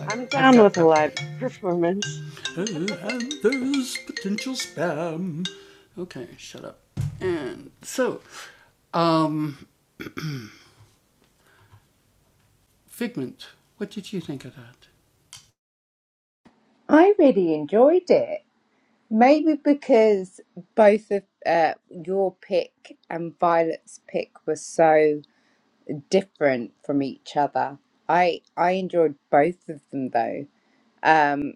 [SPEAKER 2] I'm down with a live performance.
[SPEAKER 4] I really enjoyed it. Maybe because both of uh, your pick and Violet's pick were so different from each other. I I enjoyed both of them though. Um,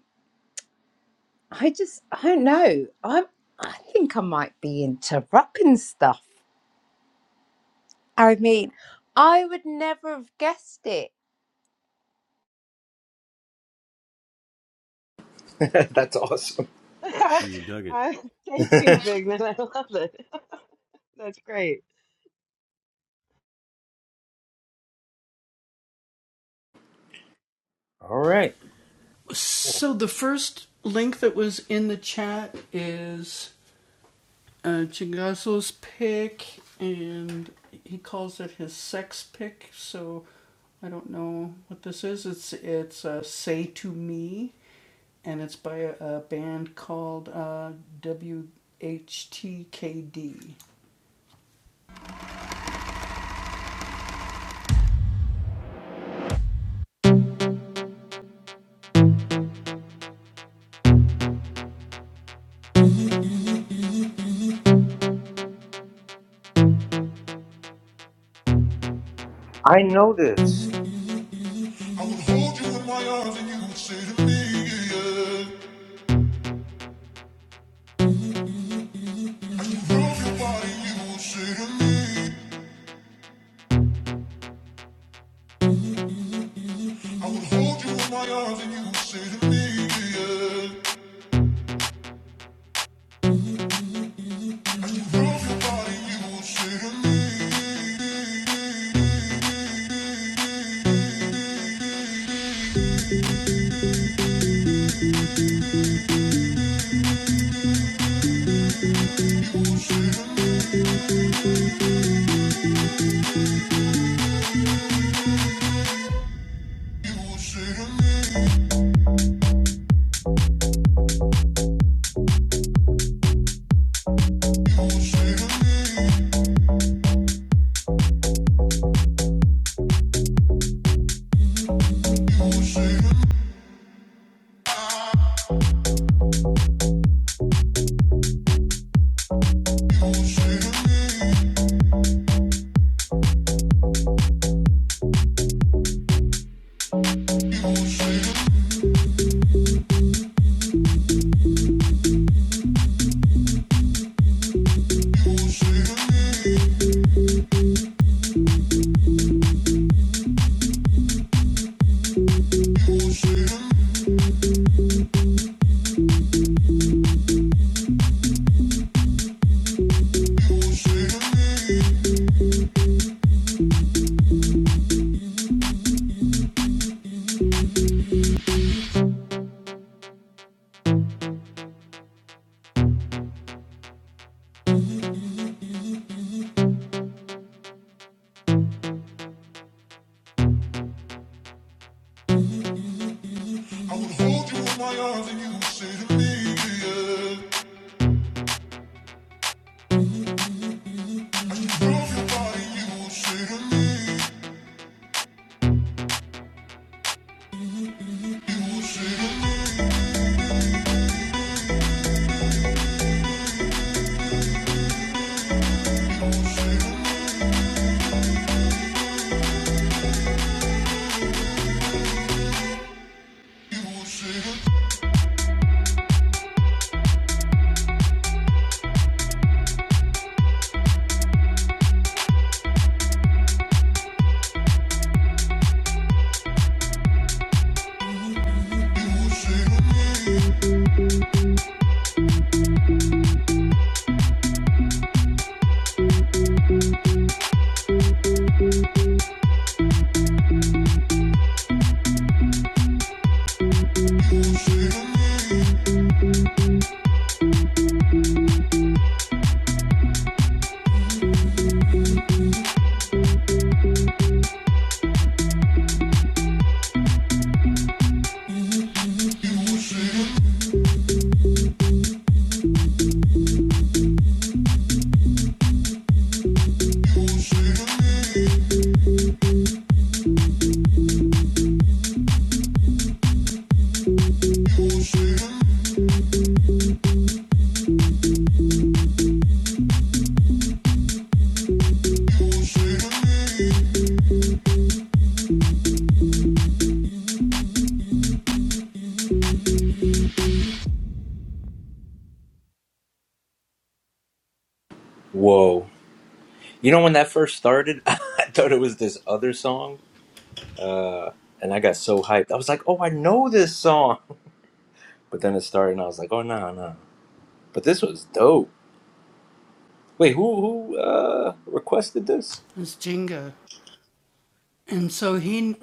[SPEAKER 4] I just I don't know. i I think I might be into rock and stuff. I mean, I would never have guessed it.
[SPEAKER 1] That's awesome.
[SPEAKER 2] I thank you, Bigman. I love it. That's great.
[SPEAKER 1] All right. I know this.
[SPEAKER 3] I would hold you in my arms and you would say to me, yeah. I would rub your body, you would say to me. I would hold you in my arms and you would say to me, yeah. I would rub your body, you would say to me, you would say to me. As
[SPEAKER 1] Whoa. You know, when that first started, I thought it was this other song, and I got so hyped. I was like, "Oh, I know this song!" But then it started, and I was like, "Oh no, no!" But this was dope. Wait, who who uh, requested this?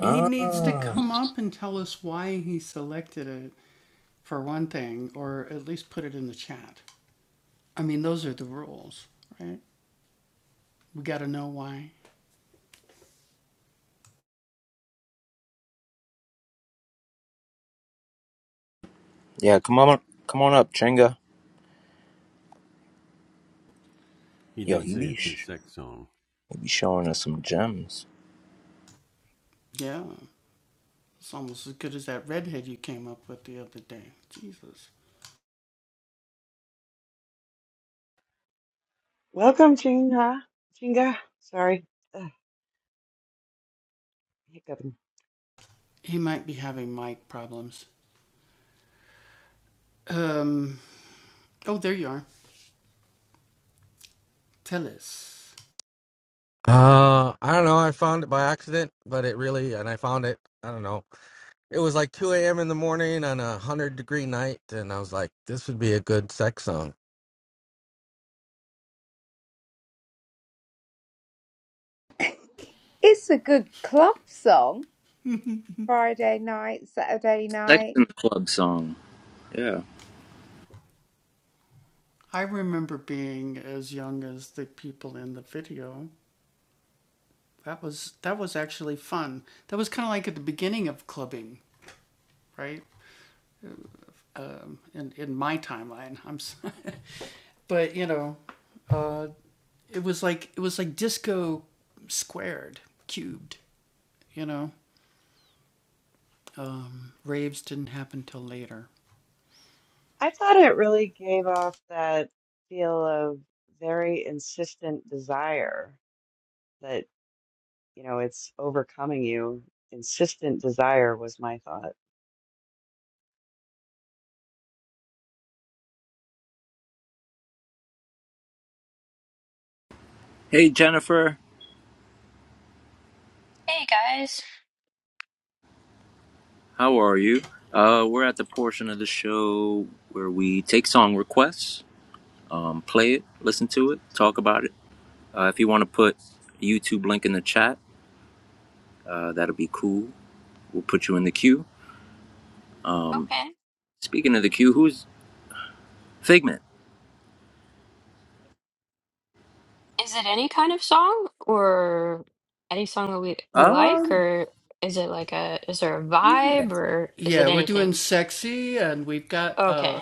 [SPEAKER 1] Ah, yeah. Come on, come on up, Chenga. Yo, he be sh- he be showing us some gems.
[SPEAKER 2] Welcome, Chinga. Chinga. Sorry. Ugh, hiccuping.
[SPEAKER 5] Uh, I don't know. I found it by accident, but it really, and I found it. I don't know. It was like 2 a.m. in the morning on a hundred degree night, and I was like, "This would be a good sex song."
[SPEAKER 4] It's a good club song. Friday night, Saturday night.
[SPEAKER 1] Section Club song. Yeah.
[SPEAKER 2] I thought it really gave off that feel of very insistent desire that, you know, it's overcoming you. Insistent desire was my thought.
[SPEAKER 1] Hey, Jennifer,
[SPEAKER 6] Hey guys.
[SPEAKER 1] how are you? Uh, we're at the portion of the show where we take song requests, um, play it, listen to it, talk about it Uh, if you want to put a YouTube link in the chat, uh, that'll be cool. We'll put you in the queue. Um,
[SPEAKER 6] Okay.
[SPEAKER 1] speaking of the queue, who's Figment?
[SPEAKER 6] Is it any kind of song or any song that we we like
[SPEAKER 1] Um,
[SPEAKER 6] or is it like a is there a
[SPEAKER 1] yeah,
[SPEAKER 6] vibe or is it anything? Okay.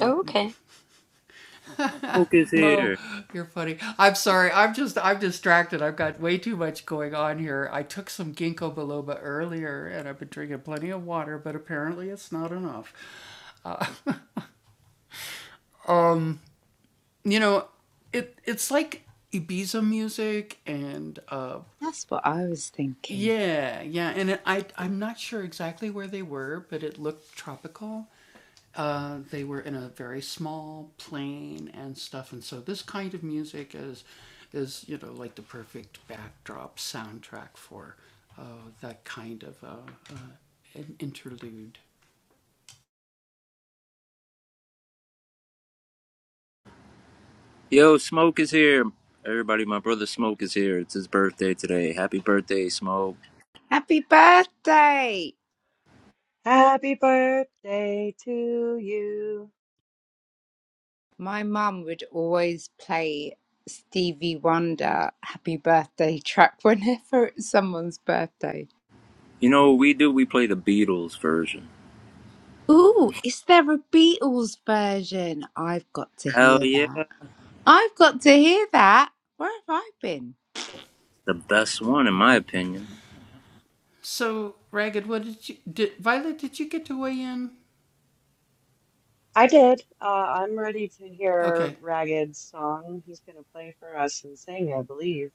[SPEAKER 6] Oh, Okay.
[SPEAKER 1] Smoke is here.
[SPEAKER 4] That's what I was thinking.
[SPEAKER 1] Yo, Smoke is here. Everybody, my brother Smoke is here. It's his birthday today. Happy birthday, Smoke.
[SPEAKER 4] Happy birthday!
[SPEAKER 2] Happy birthday to you.
[SPEAKER 4] My mum would always play Stevie Wonder happy birthday track whenever it's someone's birthday.
[SPEAKER 1] You know what we do? We play the Beatles version.
[SPEAKER 4] Ooh, is there a Beatles version? I've got to
[SPEAKER 1] Hell
[SPEAKER 4] hear
[SPEAKER 1] yeah,
[SPEAKER 4] that. I've got to hear that. Where have I been?
[SPEAKER 1] the best one in my opinion.
[SPEAKER 2] I did. Uh, I'm ready to hear Ragged's song. He's going to play for us and sing, I believe.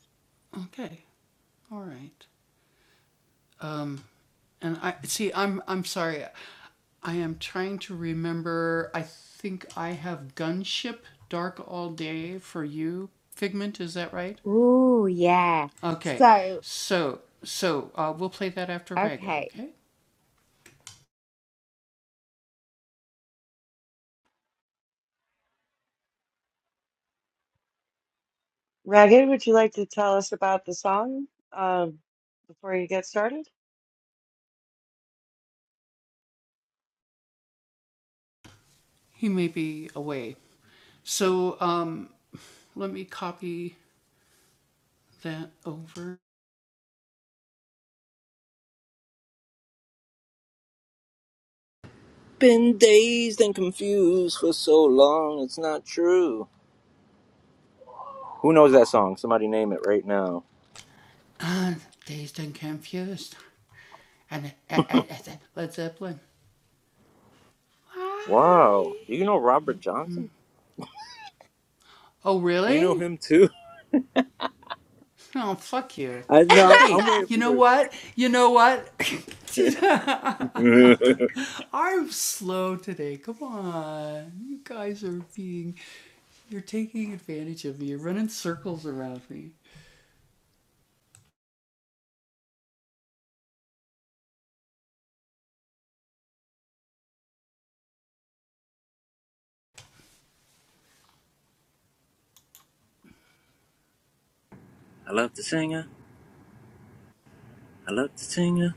[SPEAKER 4] Ooh, yeah. So. Okay.
[SPEAKER 2] Ragged, would you like to tell us about the song uh, before you get started?
[SPEAKER 1] Been dazed and confused for so long, it's not true. Who knows that song? Somebody name it right now. Wow. Do you know Robert Johnson? Do you know him too? I know. I'm waiting for you. I love the singer. I love the singer.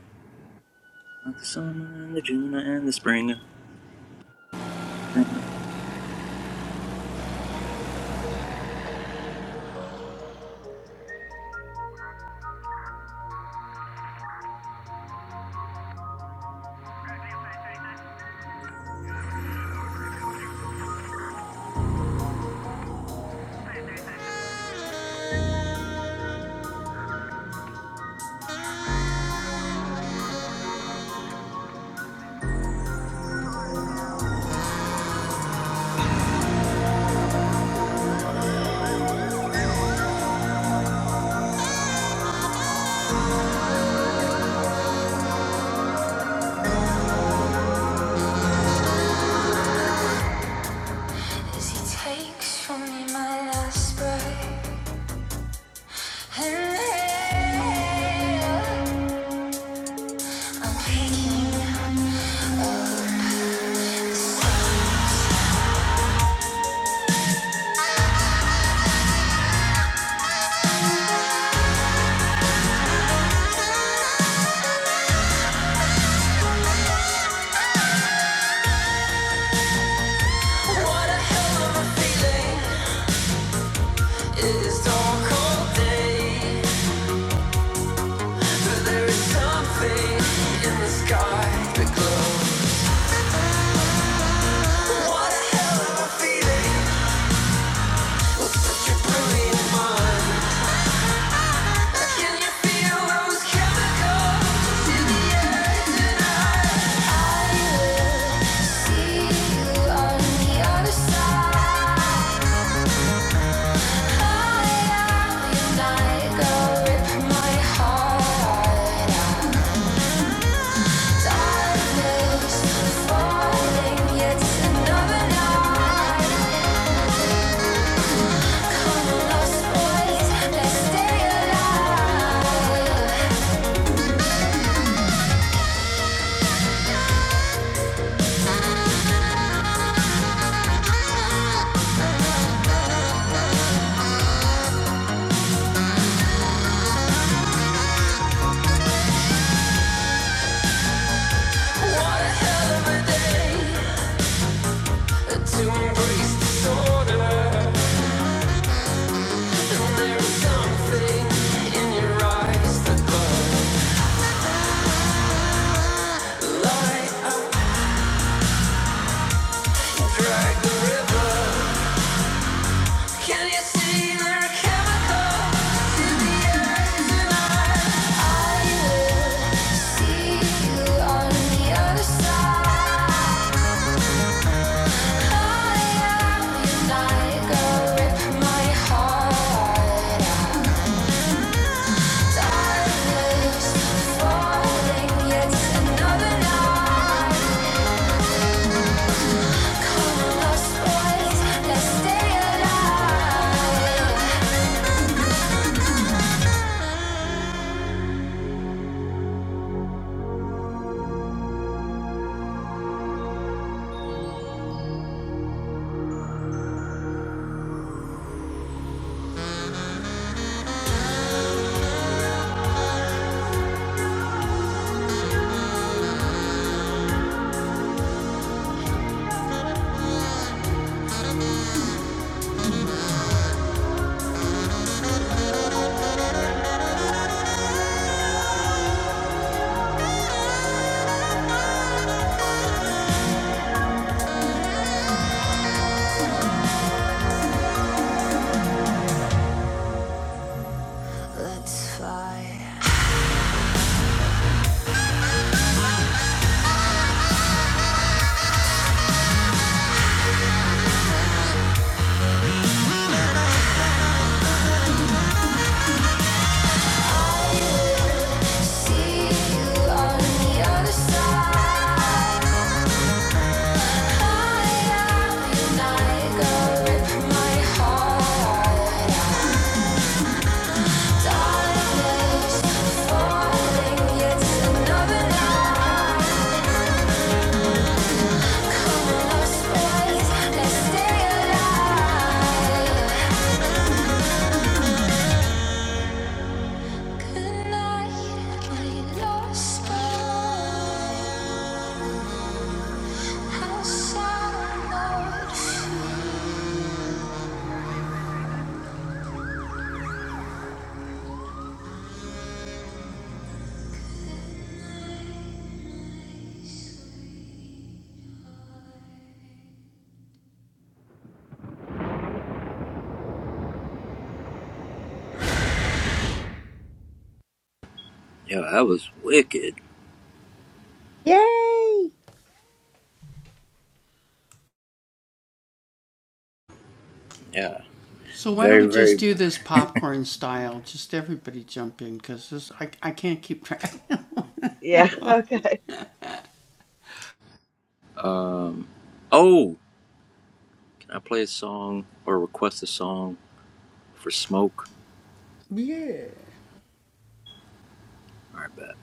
[SPEAKER 1] I love the summer and the Juno and the springer. Yeah,
[SPEAKER 3] he takes from me my last breath, and then Go rip my heart out To embrace disorder, and there is something in your eyes that burn. Light up. I will see you on the other side. Let's fly. See you on the other side. I am your Niagara, rip my heart.
[SPEAKER 1] that was wicked.
[SPEAKER 4] Yay!
[SPEAKER 1] Yeah, very, very.
[SPEAKER 2] Yeah, okay.
[SPEAKER 1] Um, oh, can I play a song or request a song for Smoke? All right, bet.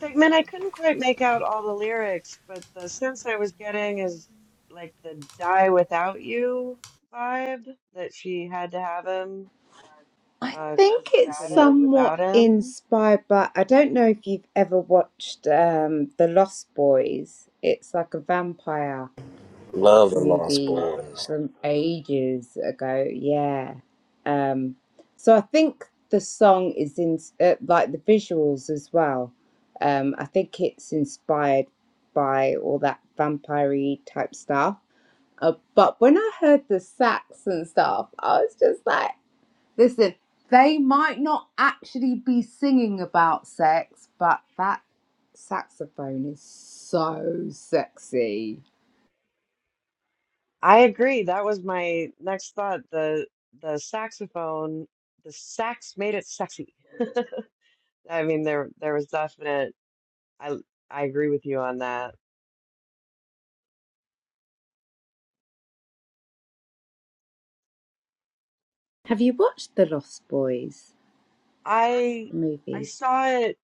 [SPEAKER 2] Segment I couldn't quite make out all the lyrics, but the sense I was getting is like the die without you vibe that she had to have him
[SPEAKER 4] I
[SPEAKER 2] uh 'cause
[SPEAKER 4] think
[SPEAKER 2] she
[SPEAKER 4] it's
[SPEAKER 2] couldn't live
[SPEAKER 4] somewhat
[SPEAKER 2] without him.
[SPEAKER 4] inspired by. I don't know if you've ever watched um, The Lost Boys. It's like a vampire
[SPEAKER 1] Love and Lost
[SPEAKER 4] movie
[SPEAKER 1] Boys.
[SPEAKER 4] from ages ago. Yeah. Um, so I think the song is in uh, like the visuals as well. Um, I think it's inspired by all that vampire type stuff. Uh, but when I heard the sax and stuff, I was just like. Listen, they might not actually be singing about sex, but that saxophone is so sexy.
[SPEAKER 2] I agree. That was my next thought. The the saxophone, the sax made it sexy. I mean there there was definite I I agree with you on that.
[SPEAKER 4] Have you watched The Lost Boys,
[SPEAKER 2] I
[SPEAKER 4] the
[SPEAKER 2] I
[SPEAKER 4] movie?
[SPEAKER 2] saw it,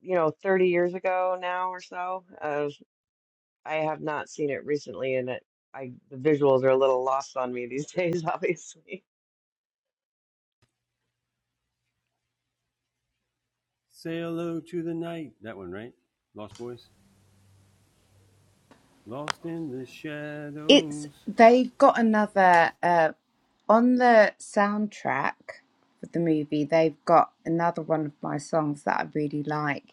[SPEAKER 2] you know, 30 years ago now or so. I have not seen it recently, and it, I the visuals are a little lost on me these days, obviously.
[SPEAKER 4] It's they've got another uh on the soundtrack for the movie, they've got another one of my songs that I really like,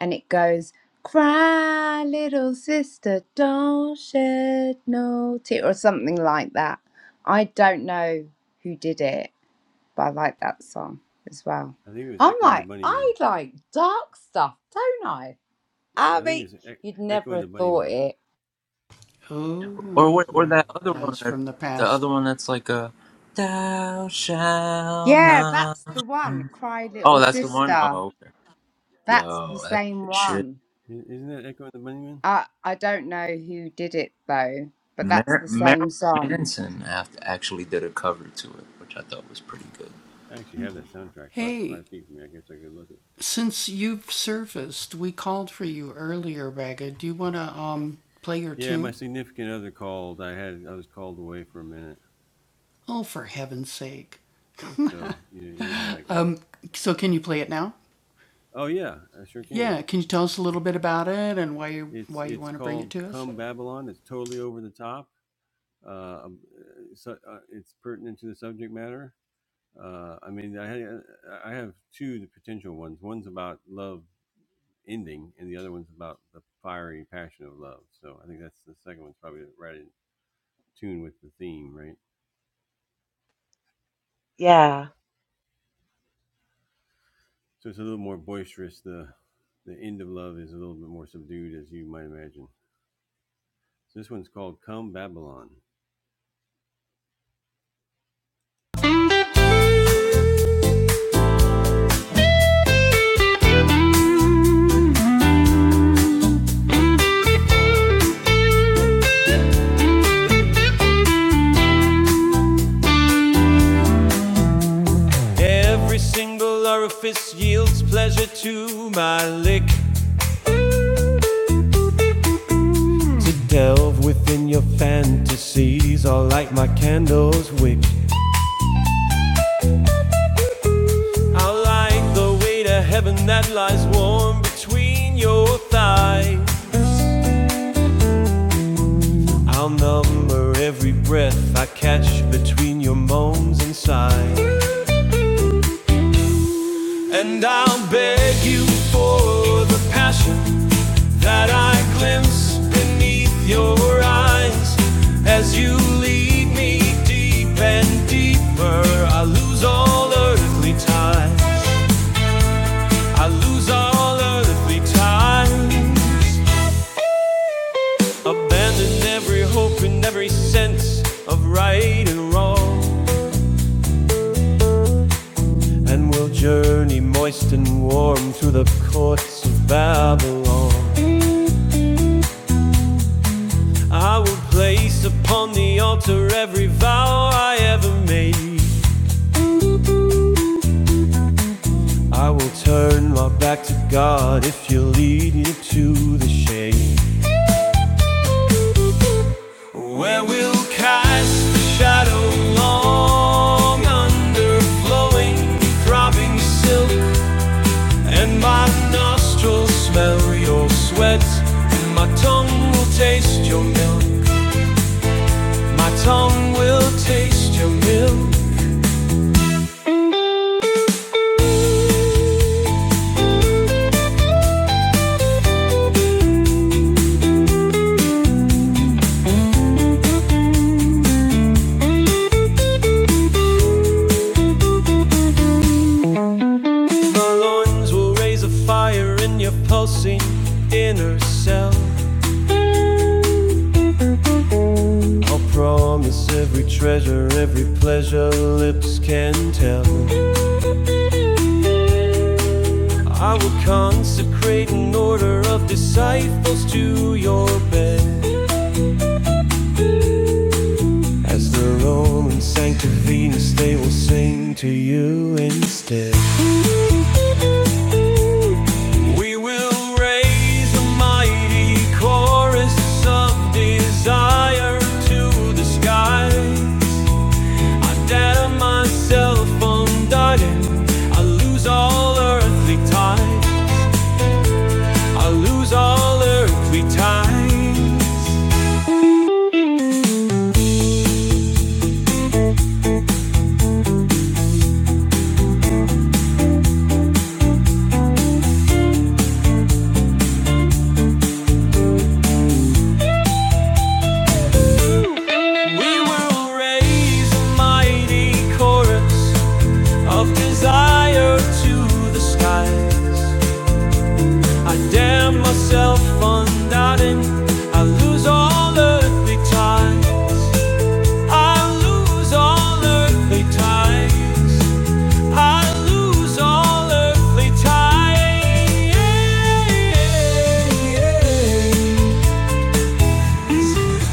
[SPEAKER 4] and it goes, Cry, little sister, don't shed no tear, or something like that. I don't know who did it, but I like that song as well. I'm like, I like dark stuff, don't I? I mean, you'd never have thought it.
[SPEAKER 1] Or wait, or that other one that the other one that's like a Thou shalt
[SPEAKER 4] Yeah, that's the
[SPEAKER 1] not.
[SPEAKER 4] one. Cry
[SPEAKER 1] Oh,
[SPEAKER 4] Little
[SPEAKER 1] that's the one.
[SPEAKER 4] Sister.
[SPEAKER 1] Oh, okay.
[SPEAKER 4] That's the
[SPEAKER 1] Yo, that's
[SPEAKER 4] same
[SPEAKER 1] good shit.
[SPEAKER 4] one. I I don't know who did it though, but that's
[SPEAKER 1] Mar-
[SPEAKER 4] the
[SPEAKER 1] Marilyn
[SPEAKER 4] same song.
[SPEAKER 1] Manson act- actually did a cover to it, which I thought was pretty good.
[SPEAKER 2] Yeah.
[SPEAKER 7] I'll number every breath I catch between your moans and sighs. And I'll beg you for the passion that I glimpse beneath your eyes. As you lead me deep and deeper, I lose all earthly ties. I lose all earth. We will raise a mighty chorus of desire to the skies. I damn myself on doubting. I lose all earthly ties. I lose all earthly ties. I lose all earthly ties.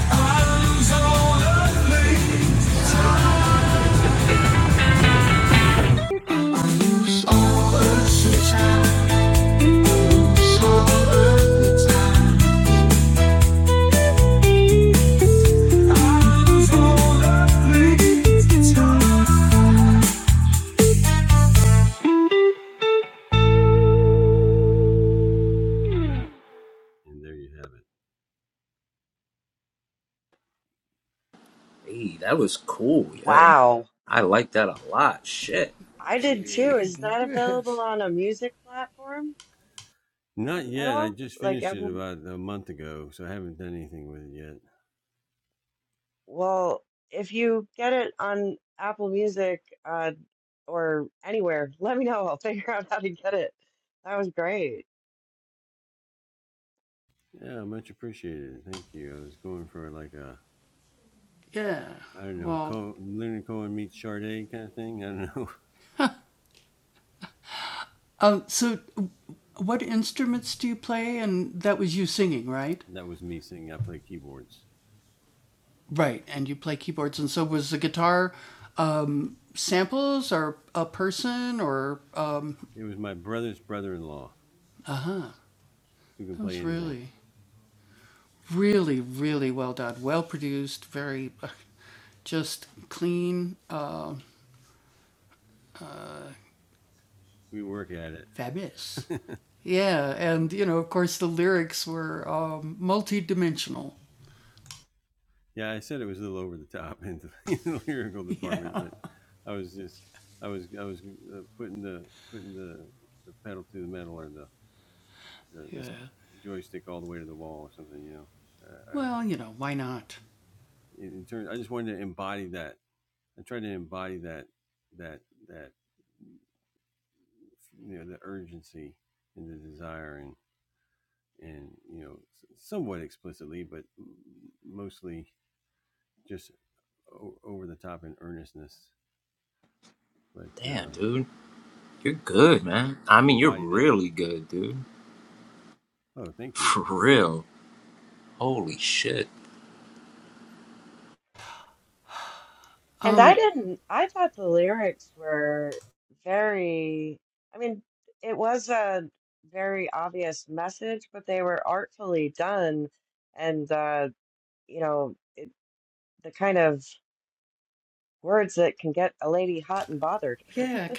[SPEAKER 7] I lose all earthly ties.
[SPEAKER 1] Hey, that was cool, yo.
[SPEAKER 2] Wow.
[SPEAKER 1] I like that a lot. Shit.
[SPEAKER 2] I did too. Is that available on a music platform at all? Like Apple? Well, if you get it on Apple Music uh, or anywhere, let me know. I'll figure out how to get it. That was great.
[SPEAKER 1] Damn, dude. You're good, man. I mean, you're really good, dude. For real. Holy shit.
[SPEAKER 2] And I didn't, I thought the lyrics were very, I mean, it was a very obvious message, but they were artfully done. And, uh, you know, the kind of words that can get a lady hot and bothered.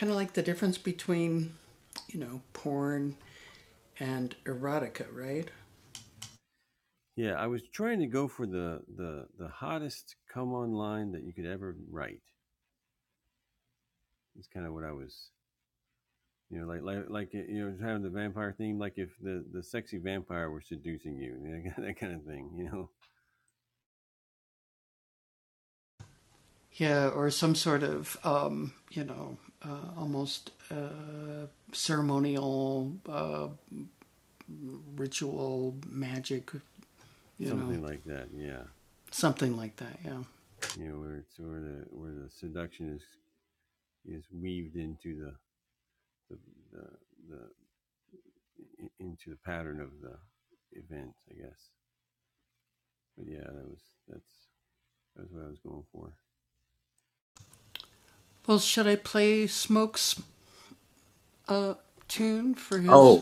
[SPEAKER 1] Oh.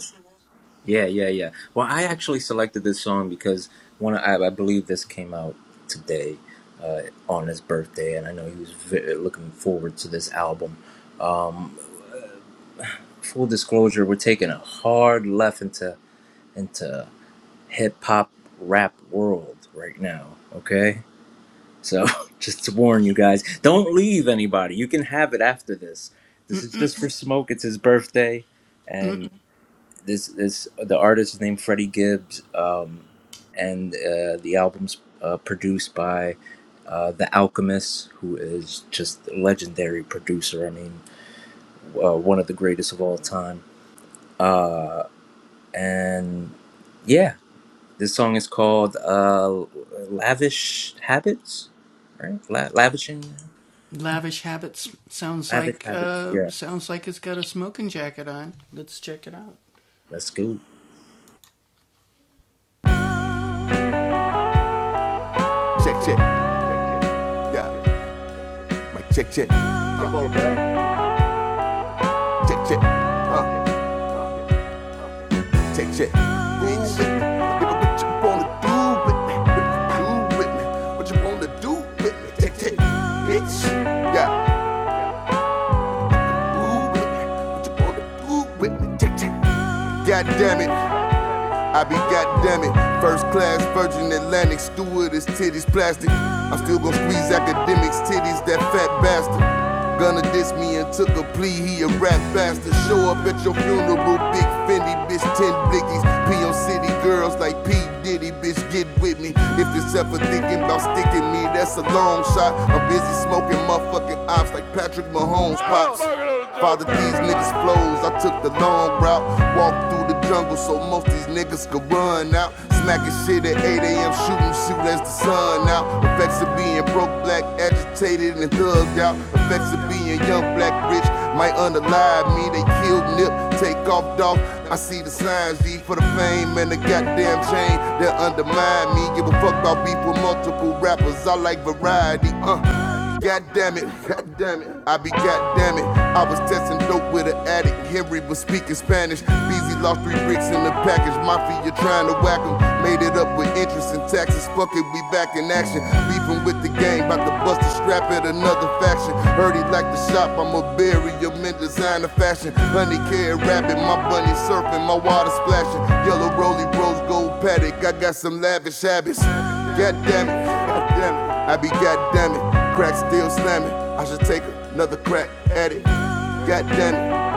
[SPEAKER 1] Yeah, yeah, yeah. Well, I actually selected this song because one, I, I believe this came out today uh, on his birthday, and I know he was ve- looking forward to this album. Um, full disclosure, we're taking a hard left into into hip hop rap world right now. Okay, so just to warn you guys, don't leave anybody. You can have it after this. This is just for smoke. It's his birthday, and this this the artist is named Freddie Gibbs, um, and uh, the album's uh, produced by uh, the Alchemist, who is just a legendary producer. I mean, uh, one of the greatest of all time. And yeah, this song is called uh, "Lavish Habits," right? La- lavishing, lavish habits. Yeah, let's go.
[SPEAKER 3] Check, check, yeah. Mic check, check. Uh, check, check, uh. Take check, bitch. Nigga, what you wanna do with me? What you wanna do with me? Take check, bitch. Yeah, do with me. What you wanna do with me? Take check. God damn it. I be goddammit, First class, Virgin Atlantic, stewardess, titties, plastic. I'm still gonna squeeze academics, titties, that fat bastard. Gonna diss me and took a plea, he a rap bastard. Show up at your funeral, big Fendi, bitch, ten blickies. P.O. City girls like P. Diddy, bitch, get with me. If it's ever thinking about sticking me, that's a long shot. I'm busy smoking motherfucking ops like Patrick Mahomes pops. Father, these niggas flows, I took the long route, walked through through the jungle so most these niggas could run out. Smacking shit at 8 a.m., shooting shoot as the sun out. Effects of being broke, black, agitated, and thugged out. Effects of being young, black, rich, might underlie me. They killed Nip, take off, dog. I see the signs, G, for the fame and the goddamn chain that undermine me. Give a fuck about beef with multiple rappers, I like variety, uh. God damn it, god damn it, I be god damn it. I was testing dope with an addict. Henry was speaking Spanish. BZ lost three bricks in the package. Mafia trying to whack him. Made it up with interest and taxes. Fuck it, we back in action. Beefing with the gang, about to bust a strap at another faction. Heard he like the shop, I'ma bury him in designer fashion. Honey care rabbit, my bunny surfing, my water splashing. Yellow rolly rose gold paddock. I got some lavish habits. God damn it, god damn it, I be god damn it. Crack still slamming. I should take another crack at it. God damn it,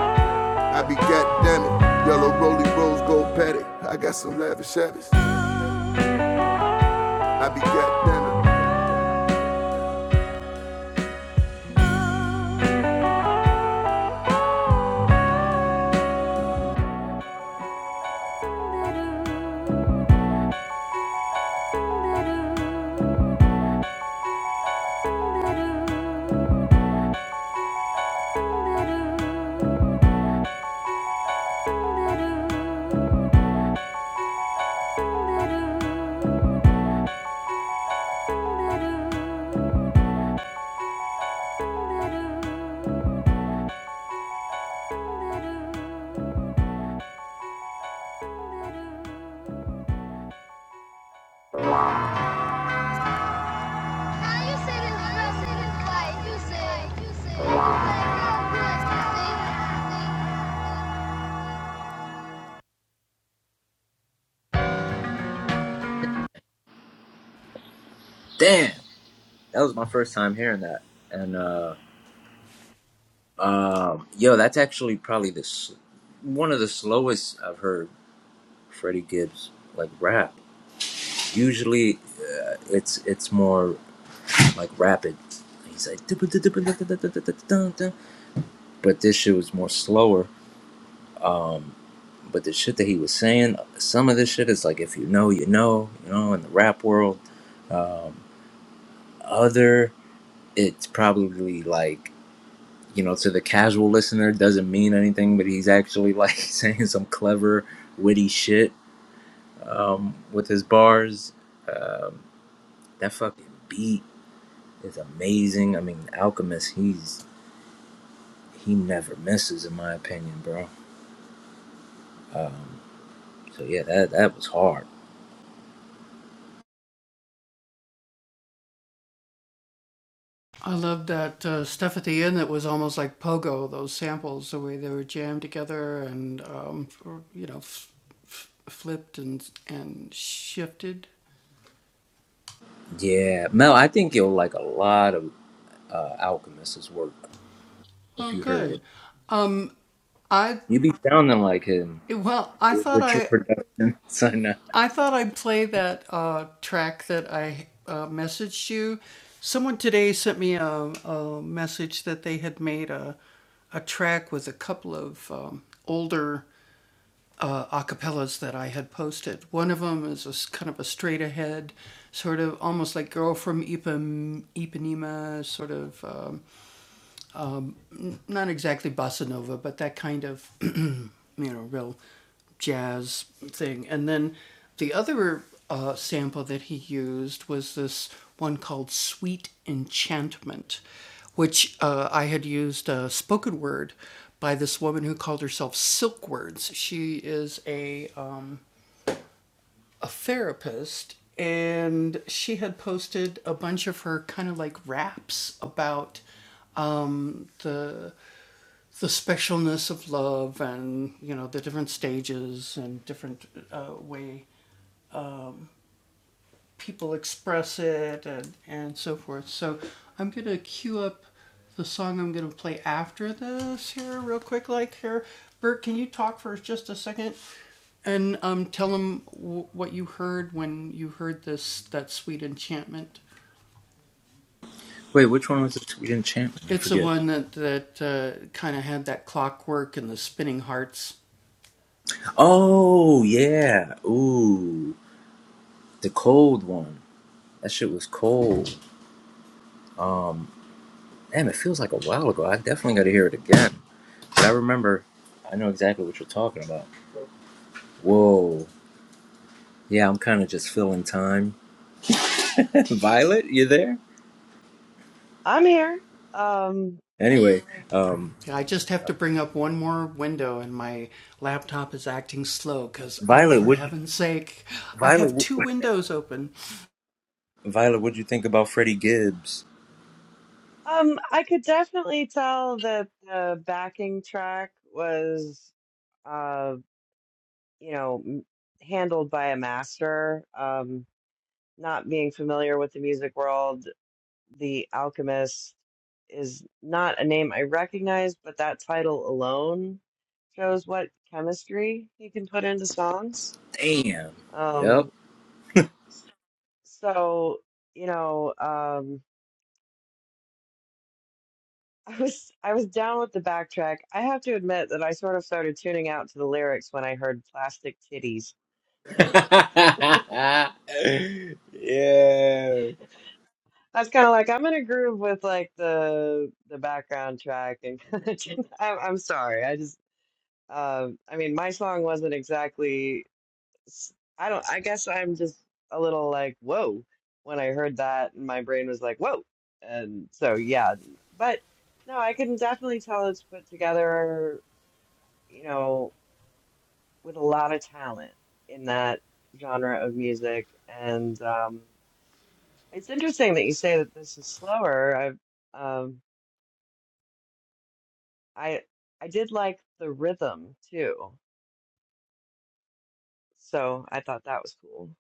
[SPEAKER 3] I be goddamn it. Yellow roly rose gold patty. I got some lavish habits. I be goddamn it. How you say this president like you say? You say.
[SPEAKER 1] Damn, that was my first time hearing that, and. uh Um, yo, that's actually probably the s- one of the slowest I've heard Freddie Gibbs like rap. Usually, uh, it's it's more like rapid. He's like, but this shit was more slower. But the shit that he was saying, some of this shit is like, if you know, you know, you know, in the rap world. Um, other, it's probably like, you know, to the casual listener, doesn't mean anything, but he's actually like saying some clever, witty shit um, with his bars. Um, that fucking beat is amazing. I mean, Alchemist, he's he never misses, in my opinion, bro. Um, so yeah, that that was hard. Yeah, Mel, I think you'll like a lot of uh, Alchemist's work if you heard it. You be sounding like him with your production. So, no. Wait, which one was the Sweet Enchantment? I forget. Oh yeah, ooh, the cold one. That shit was cold. Um, Damn, it feels like a while ago. I definitely got to hear it again. But I remember, I know exactly what you're talking about. Whoa. Yeah, I'm kind of just filling time. Violet, you there?
[SPEAKER 2] I'm here. Um,
[SPEAKER 1] Anyway, um, Violet, would you, Violet, what- Violet, what'd you think about Freddie Gibbs?
[SPEAKER 2] um, I could definitely tell that the backing track was, uh, you know, m- handled by a master. Um, not being familiar with the music world, the Alchemist is not a name I recognize, but that title alone shows what chemistry he can put into songs.
[SPEAKER 1] Damn. Yep.
[SPEAKER 2] Um, so you know, um, I was I was down with the backtrack. I have to admit that I sort of started tuning out to the lyrics when I heard "plastic titties."
[SPEAKER 1] yeah.
[SPEAKER 2] I was kind of like I'm in a groove with like the the background track, and I'm, I'm sorry, I just um, I mean, my song wasn't exactly. s- I don't, I guess I'm just a little like, whoa, when I heard that, and my brain was like, whoa. And so, yeah, but no, I can definitely tell it's put together, you know, with a lot of talent in that genre of music. And um, it's interesting that you say that this is slower. I, um, I, I did like the rhythm too, so I thought that was cool.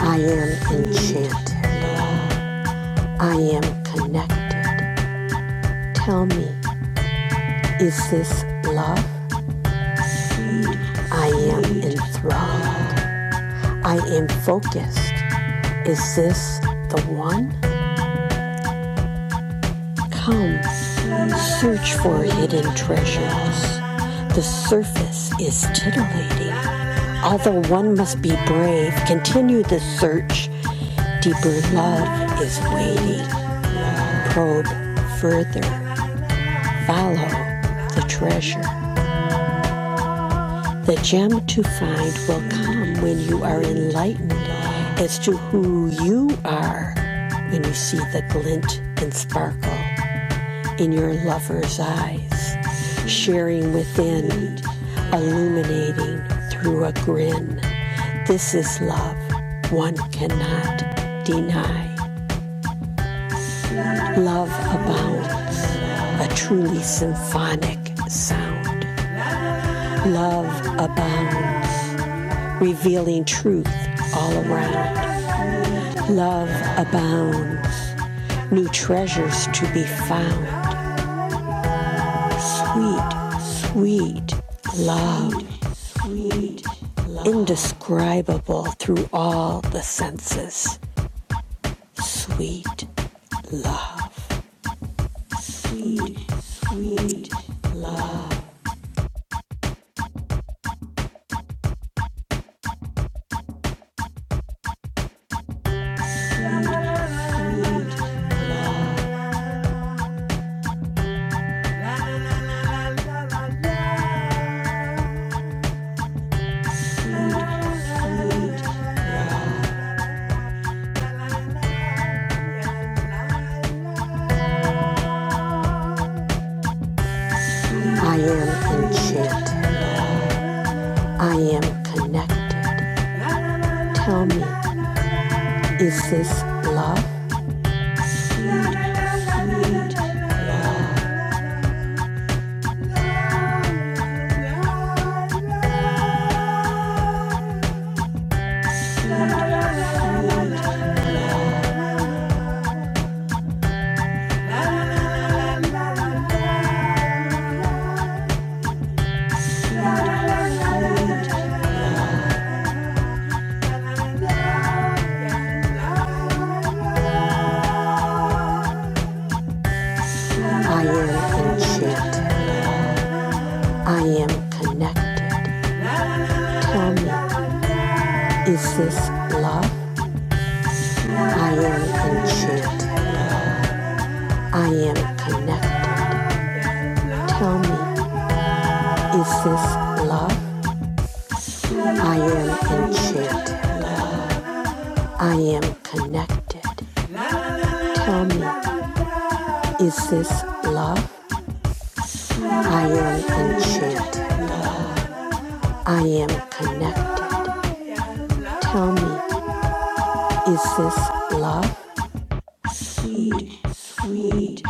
[SPEAKER 3] I am enchanted. I am connected. Tell me, is this love? I am enthralled. I am focused. Is this the one? Come, search for hidden treasures. The surface is titillating. Although one must be brave, continue the search. Deeper love is waiting. Probe further. Follow the treasure. The gem to find will come when you are enlightened as to who you are, when you see the glint and sparkle in your lover's eyes, sharing within, illuminating through a grin. This is love one cannot deny. Love abounds, a truly symphonic sound. Love abounds, revealing truth all around. Love abounds, new treasures to be found. Sweet, sweet love. Sweet love. Indescribable through all the senses. Sweet love. Sweet, sweet love. I am enchanted. I am connected. Tell me, is this love? I am enchanted. I am connected. Tell me, is this love? I am enchanted. I am connected. Tell me, is this love? I am enchanted. I am connected. Tell me, is this love? I am enchanted. I am connected. Tell me, is this love? Sweet, sweet,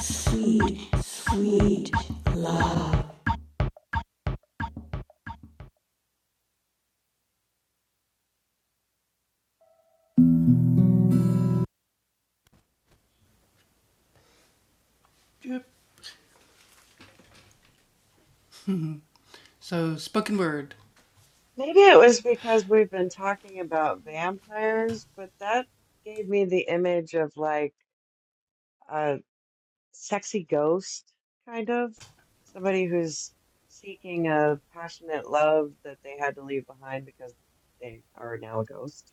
[SPEAKER 3] sweet, sweet.
[SPEAKER 2] Maybe it was because we've been talking about vampires, but that gave me the image of like a sexy ghost, kind of. Somebody who's seeking a passionate love that they had to leave behind because they are now a ghost.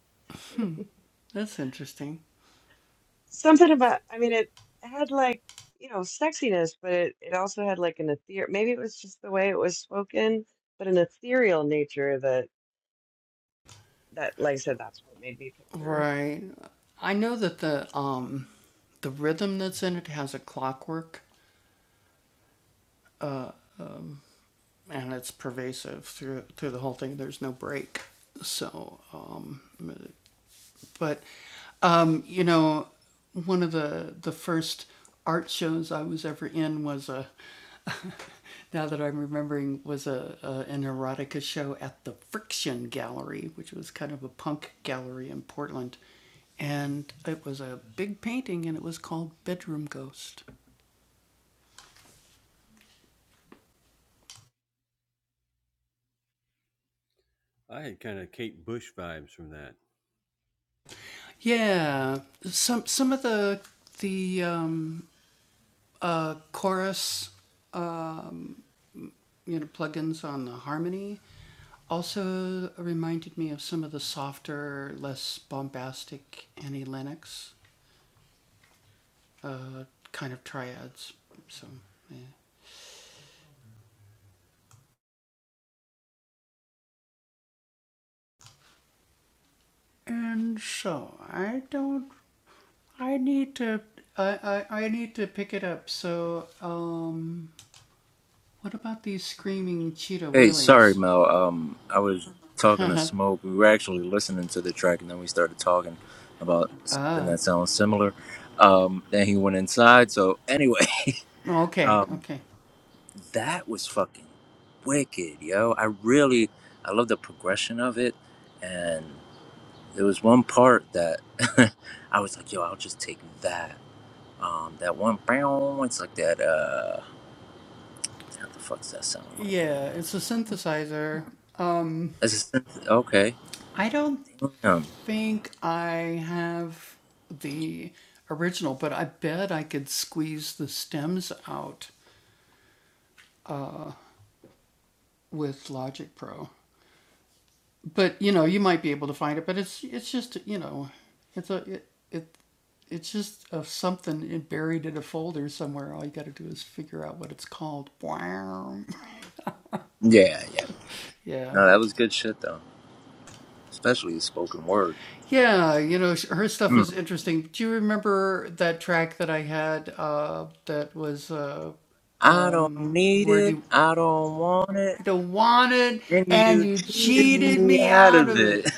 [SPEAKER 2] Something about, I mean, it had like, you know, sexiness, but it, it also had like an ethereal, maybe it was just the way it was spoken, but an ethereal nature that, that, like I said, that's what it made me picture.
[SPEAKER 1] Hey, sorry, Mel. Um, I was talking to Smoke. We were actually listening to the track, and then we started talking about something that sounds similar. Um, then he went inside. So anyway, um, that was fucking wicked, yo. I really, I love the progression of it, and there was one part that I was like, yo, I'll just take that. Um, that one, it's like that. Uh, how the fuck's that sound like? Uh, that's a synth. Okay. Um, yeah, No, that was good shit though. Especially the spoken word. Mm. I don't need it. I don't want it. And you cheated me out of it.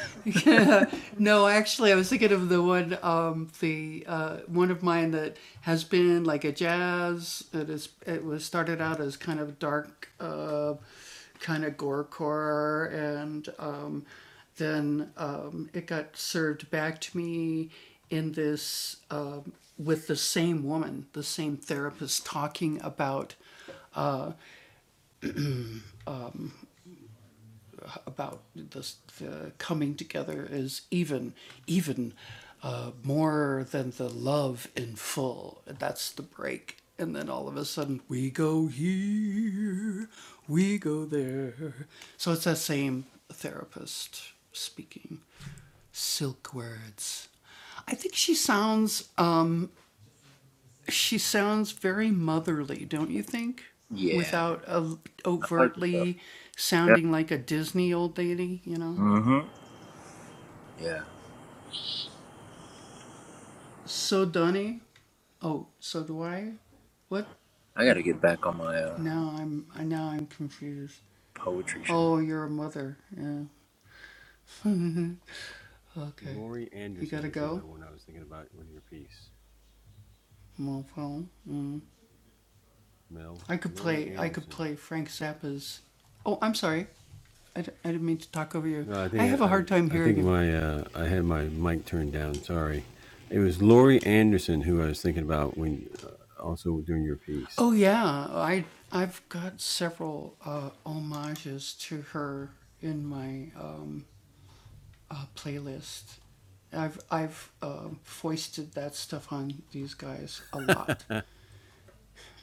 [SPEAKER 1] yeah, I like it though. Yeah. Mm-hmm. Yeah, I gotta get back on my uh, poetry shit.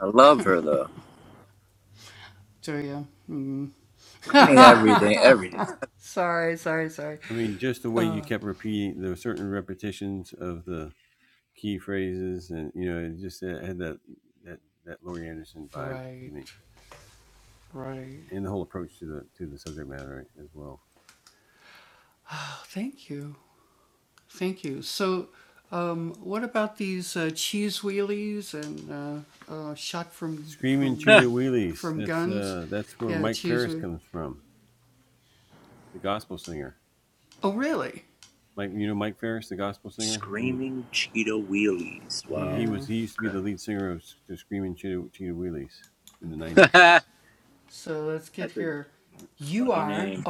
[SPEAKER 1] I love her though. I mean, everything, everything. Screaming Cheetah Wheelies. Wow. Okay. That's a funny name.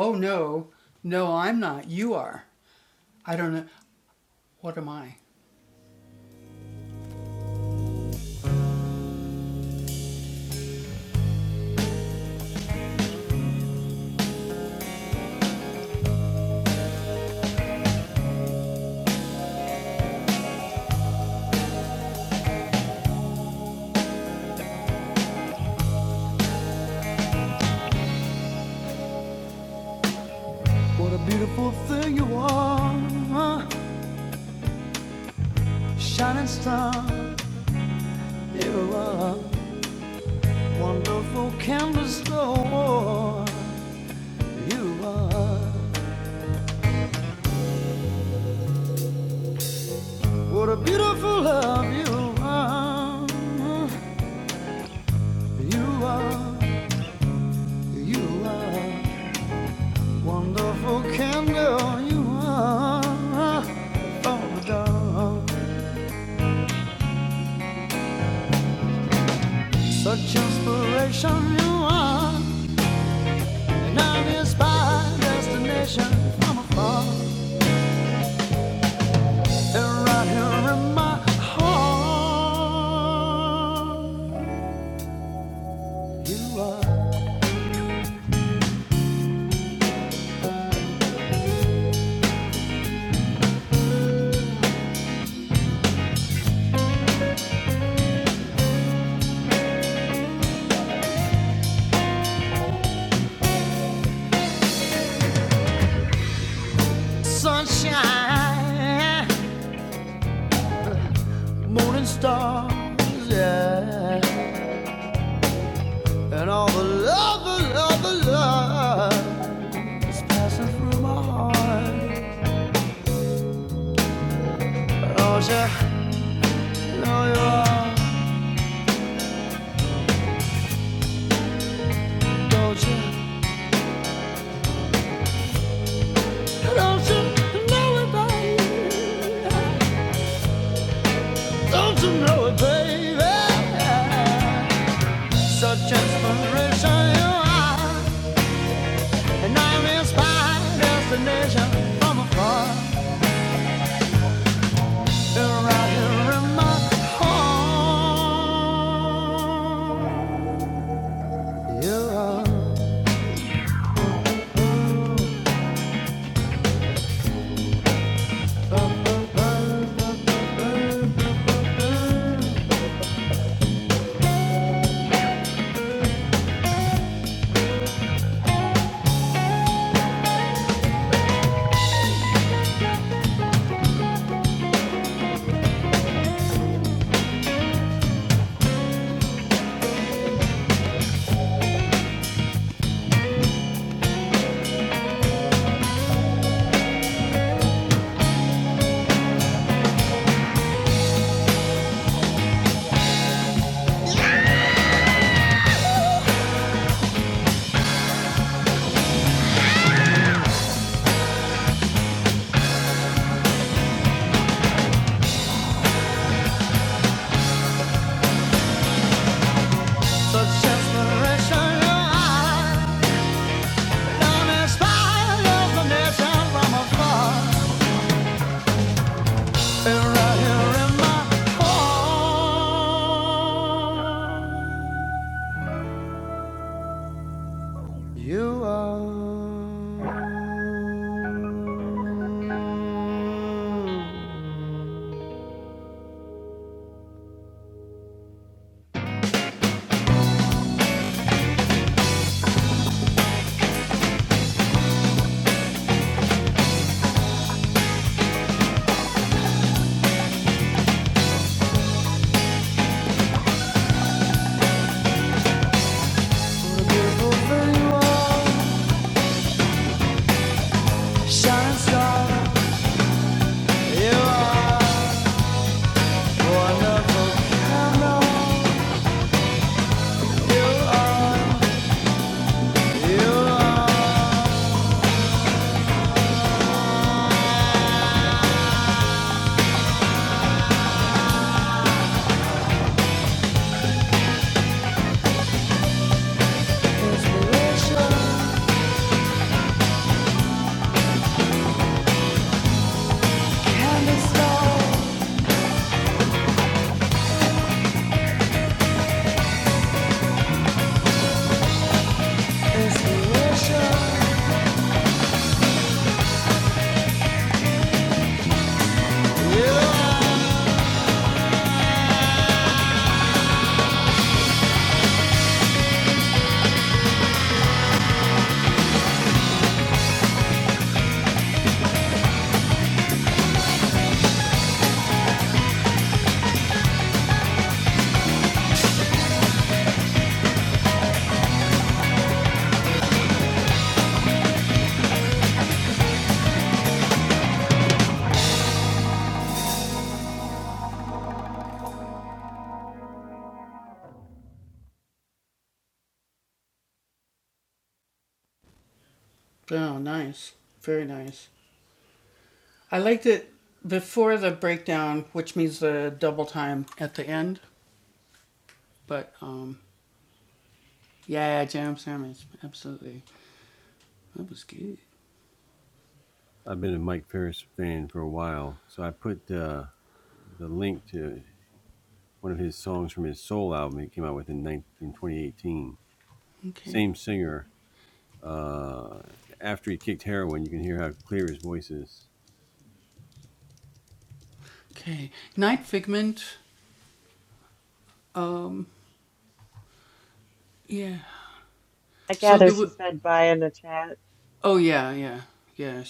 [SPEAKER 2] I gather she said bye in the chat.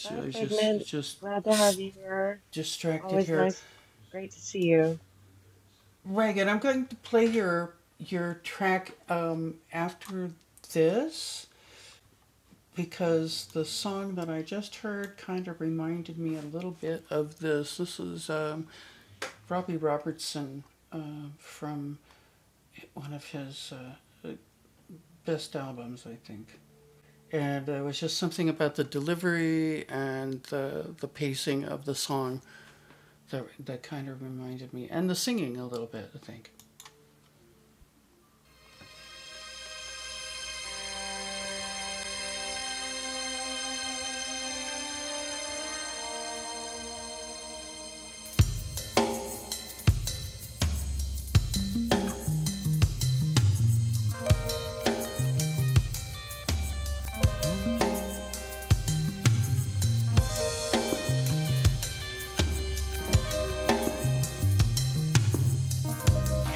[SPEAKER 2] Bye, Figment. Glad to have you here. Always nice. Great to see you.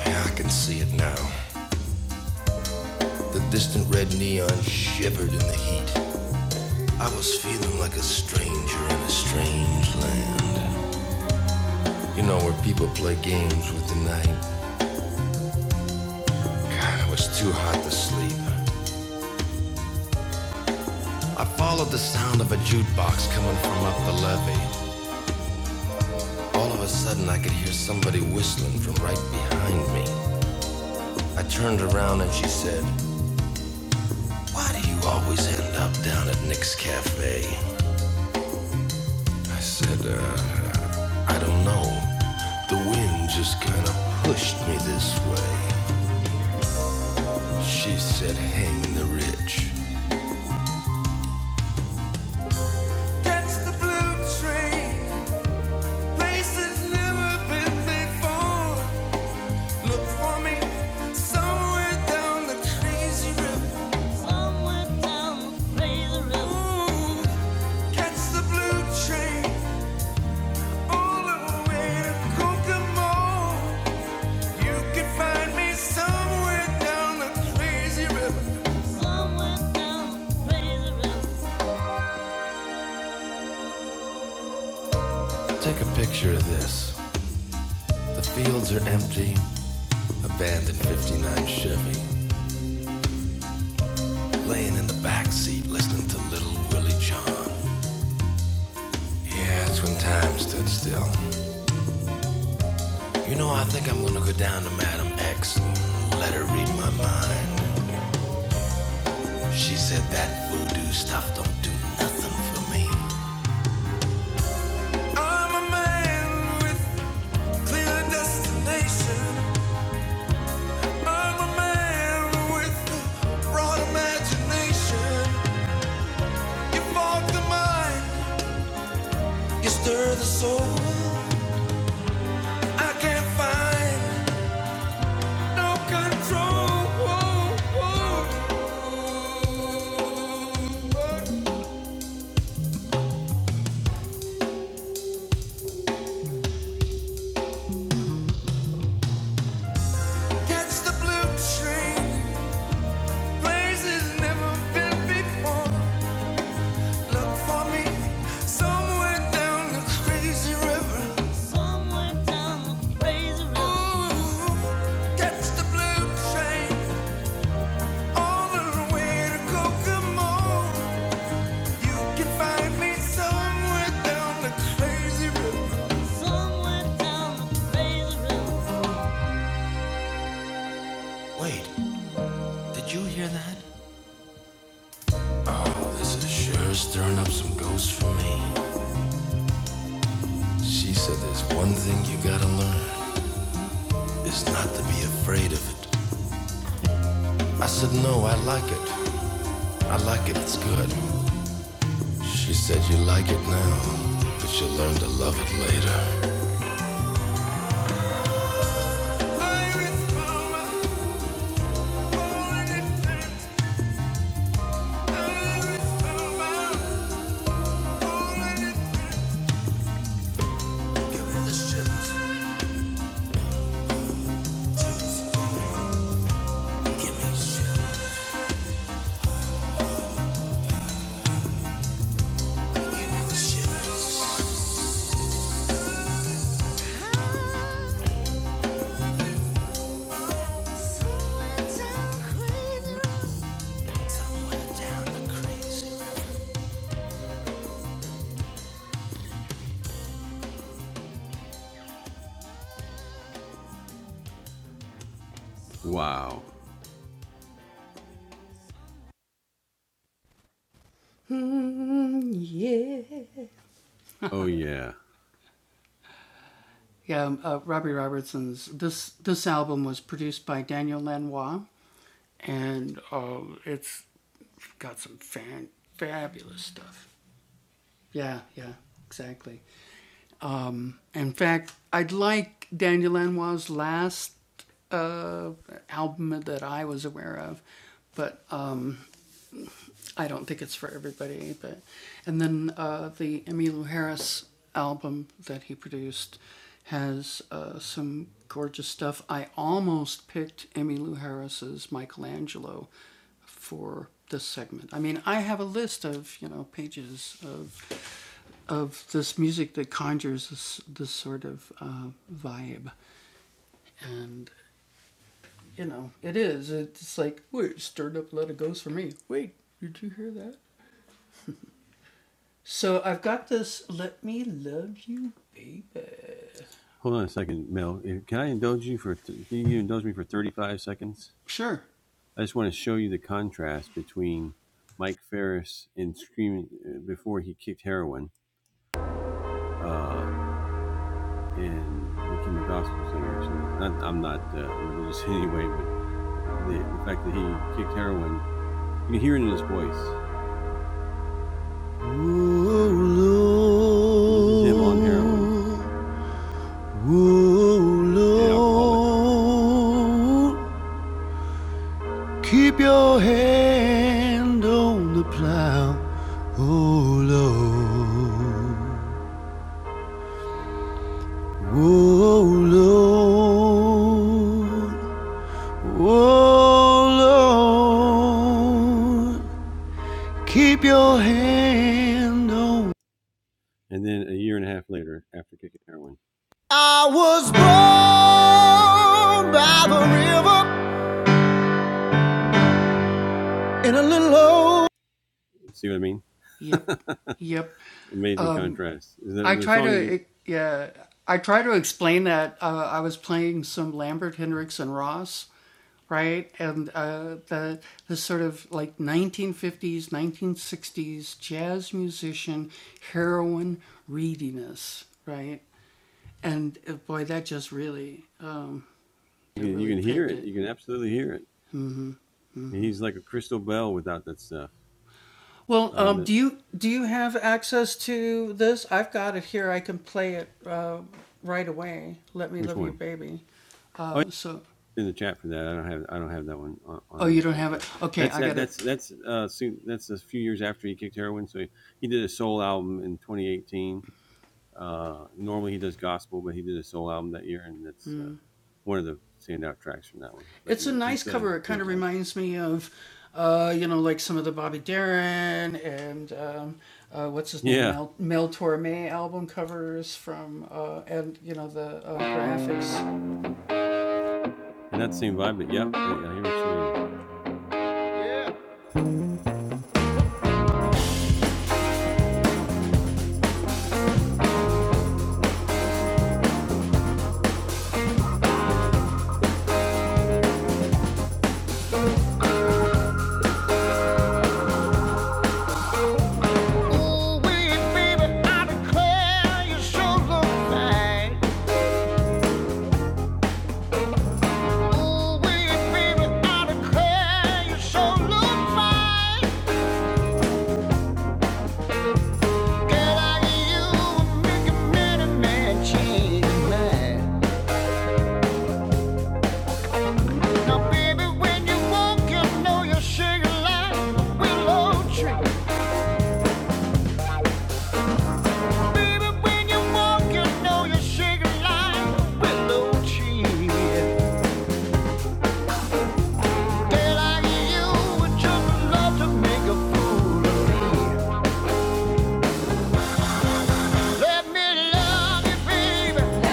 [SPEAKER 3] I can see it now. The distant red neon shivered in the heat. I was feeling like a stranger in a strange land. You know where people play games with the night. God, it was too hot to sleep. I followed the sound of a jukebox coming from up the levee. All of a sudden, I could hear somebody whistling from right behind me. I turned around and she said, Why do you always end up down at Nick's Cafe? I said, uh, I don't know. The wind just kind of pushed me this way. She said, Hang the rich. Catch the blue train. Take a picture of this. The fields are empty, abandoned 59 Chevy. Laying in the back seat listening to Little Willie John. Yeah, that's when time stood still. You know, I think I'm gonna go down to Madam X and let her read my mind. She said that voodoo stuff don't do nothing for me. With a destination, I'm a man with an imagination of the mind. It's the road I can't find no control. Whoa, whoa. Catch the blue train, places never been before. Look for me somewhere down the crazy river. Somewhere down the crazy river. Ooh, catch the blue train all the way to Kokomo. Somewhere down the crazy river. Somewhere down the crazy river. Wait, did you hear that? Oh, this is sure stirring up some ghosts for me. She said there's one thing you gotta learn. is not to be afraid of it.
[SPEAKER 7] Ooh, Lord. Him on heroin. Ooh, Lord. Keep your hand on the plow, oh Lord, oh Lord, oh Lord. Keep your hand on. I was born by the river in a little old
[SPEAKER 3] Ooh wee, baby, I declare you sure look fine. Ooh wee, baby, I declare you sure look fine. Girl, I get you and make a man man change his mind. Now, baby, when you walk, you know you're sugar like a willow tree. Baby, when you walk, you know you're sugar like a willow tree. Let me love you, baby.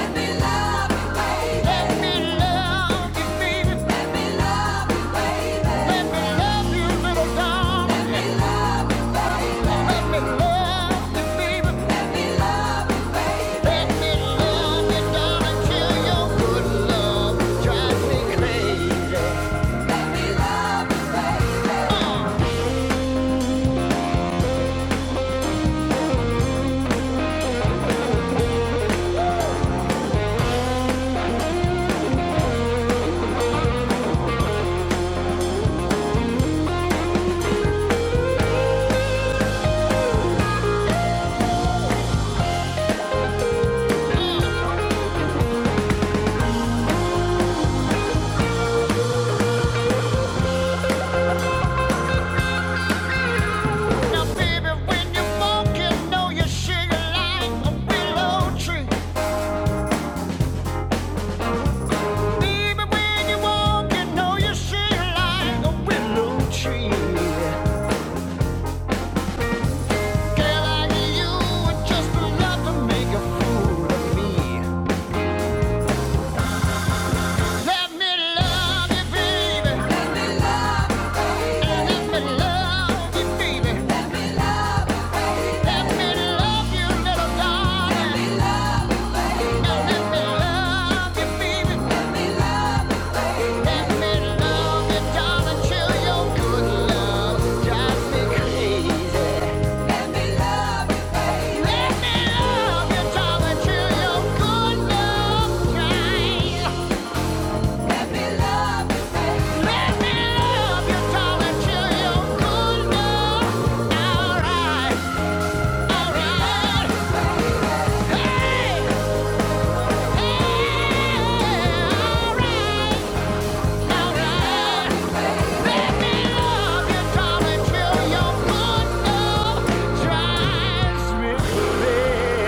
[SPEAKER 3] Let me love you, baby. Let me love you, little darling. Let me love you, baby. Let me love you, darling, your good love drives me crazy. Uh, Now, baby, when you walk, you know you sugar like a willow tree. Even when you walk, you know you shine like a willow tree. Girl like you just to make a fool of me. Let me love you, baby. Let me love you, baby. Let me love you, little darling. Let me love you, baby. Alright! Drives me crazy.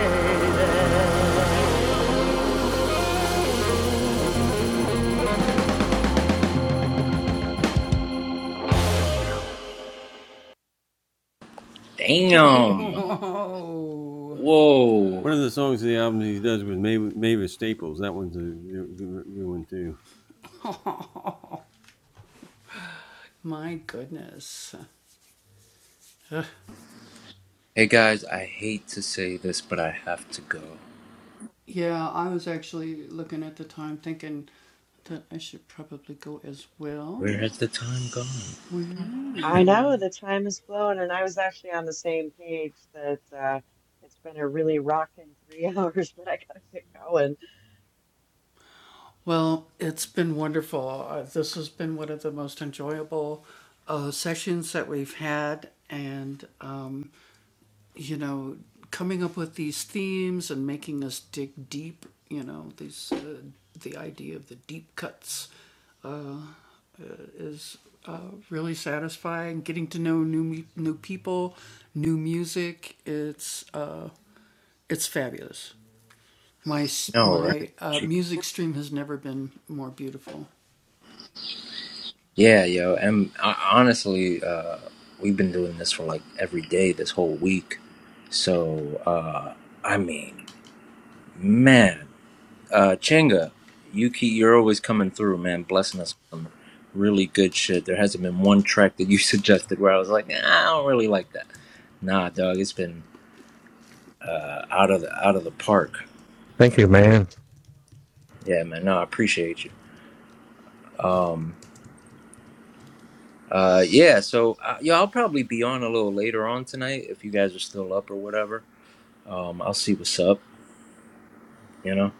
[SPEAKER 1] Damn. Whoa. Hey guys, I hate to say this, but I have to go. Where has the time gone?
[SPEAKER 2] I know the time has flown, and I was actually on the same page that uh, it's been a really rocking three hours, but I gotta get going.
[SPEAKER 1] No, right? Gee. Yeah, yo, and uh, honestly, uh, we've been doing this for like every day this whole week. So, uh, I mean, man, uh, Chenga, Yuki, you're always coming through, man, blessing us with some really good shit. There hasn't been one track that you suggested where I was like, nah, I don't really like that. Nah, dog, it's been uh, out of the out of the park.
[SPEAKER 5] Thank you, man.
[SPEAKER 1] Yeah, man. No, I appreciate you. Um, uh, yeah. So, uh, yeah, I'll probably be on a little later on tonight if you guys are still up or whatever. Um, I'll see what's up. You know,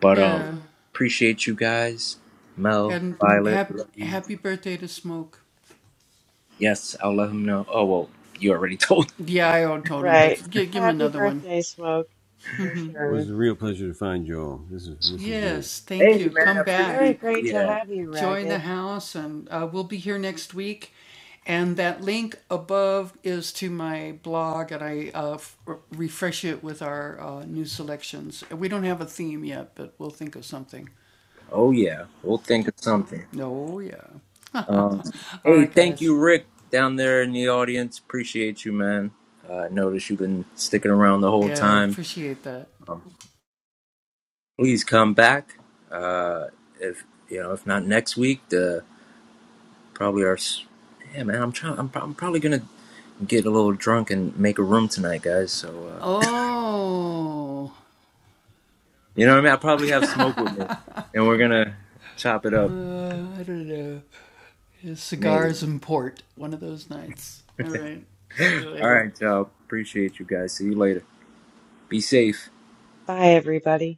[SPEAKER 1] but um, Mhm. appreciate you guys. Mel, Violet, love you. Yes, I'll let him know. Oh well, you already told.
[SPEAKER 2] Right. Happy birthday, Smoke, for sure.
[SPEAKER 1] Hey, man, I appreciate
[SPEAKER 2] Very
[SPEAKER 1] you.
[SPEAKER 2] great to
[SPEAKER 1] Yeah.
[SPEAKER 2] have you, Ragged.
[SPEAKER 1] Oh yeah, we'll think of something. Um, hey, thank you, Rick, down there in the audience. Appreciate you, man. Uh, I noticed you've been sticking around the whole time. Um, please come back. Uh, if you know, if not next week, the probably our. s- Yeah, man, I'm trying. I'm, prob- I'm probably gonna get a little drunk and make a room tonight, guys. So uh, you know what I mean. I probably have smoke with me, and we're gonna chop it up, maybe. All right, y'all. Appreciate you guys. See you later. Be safe.
[SPEAKER 2] Bye, everybody.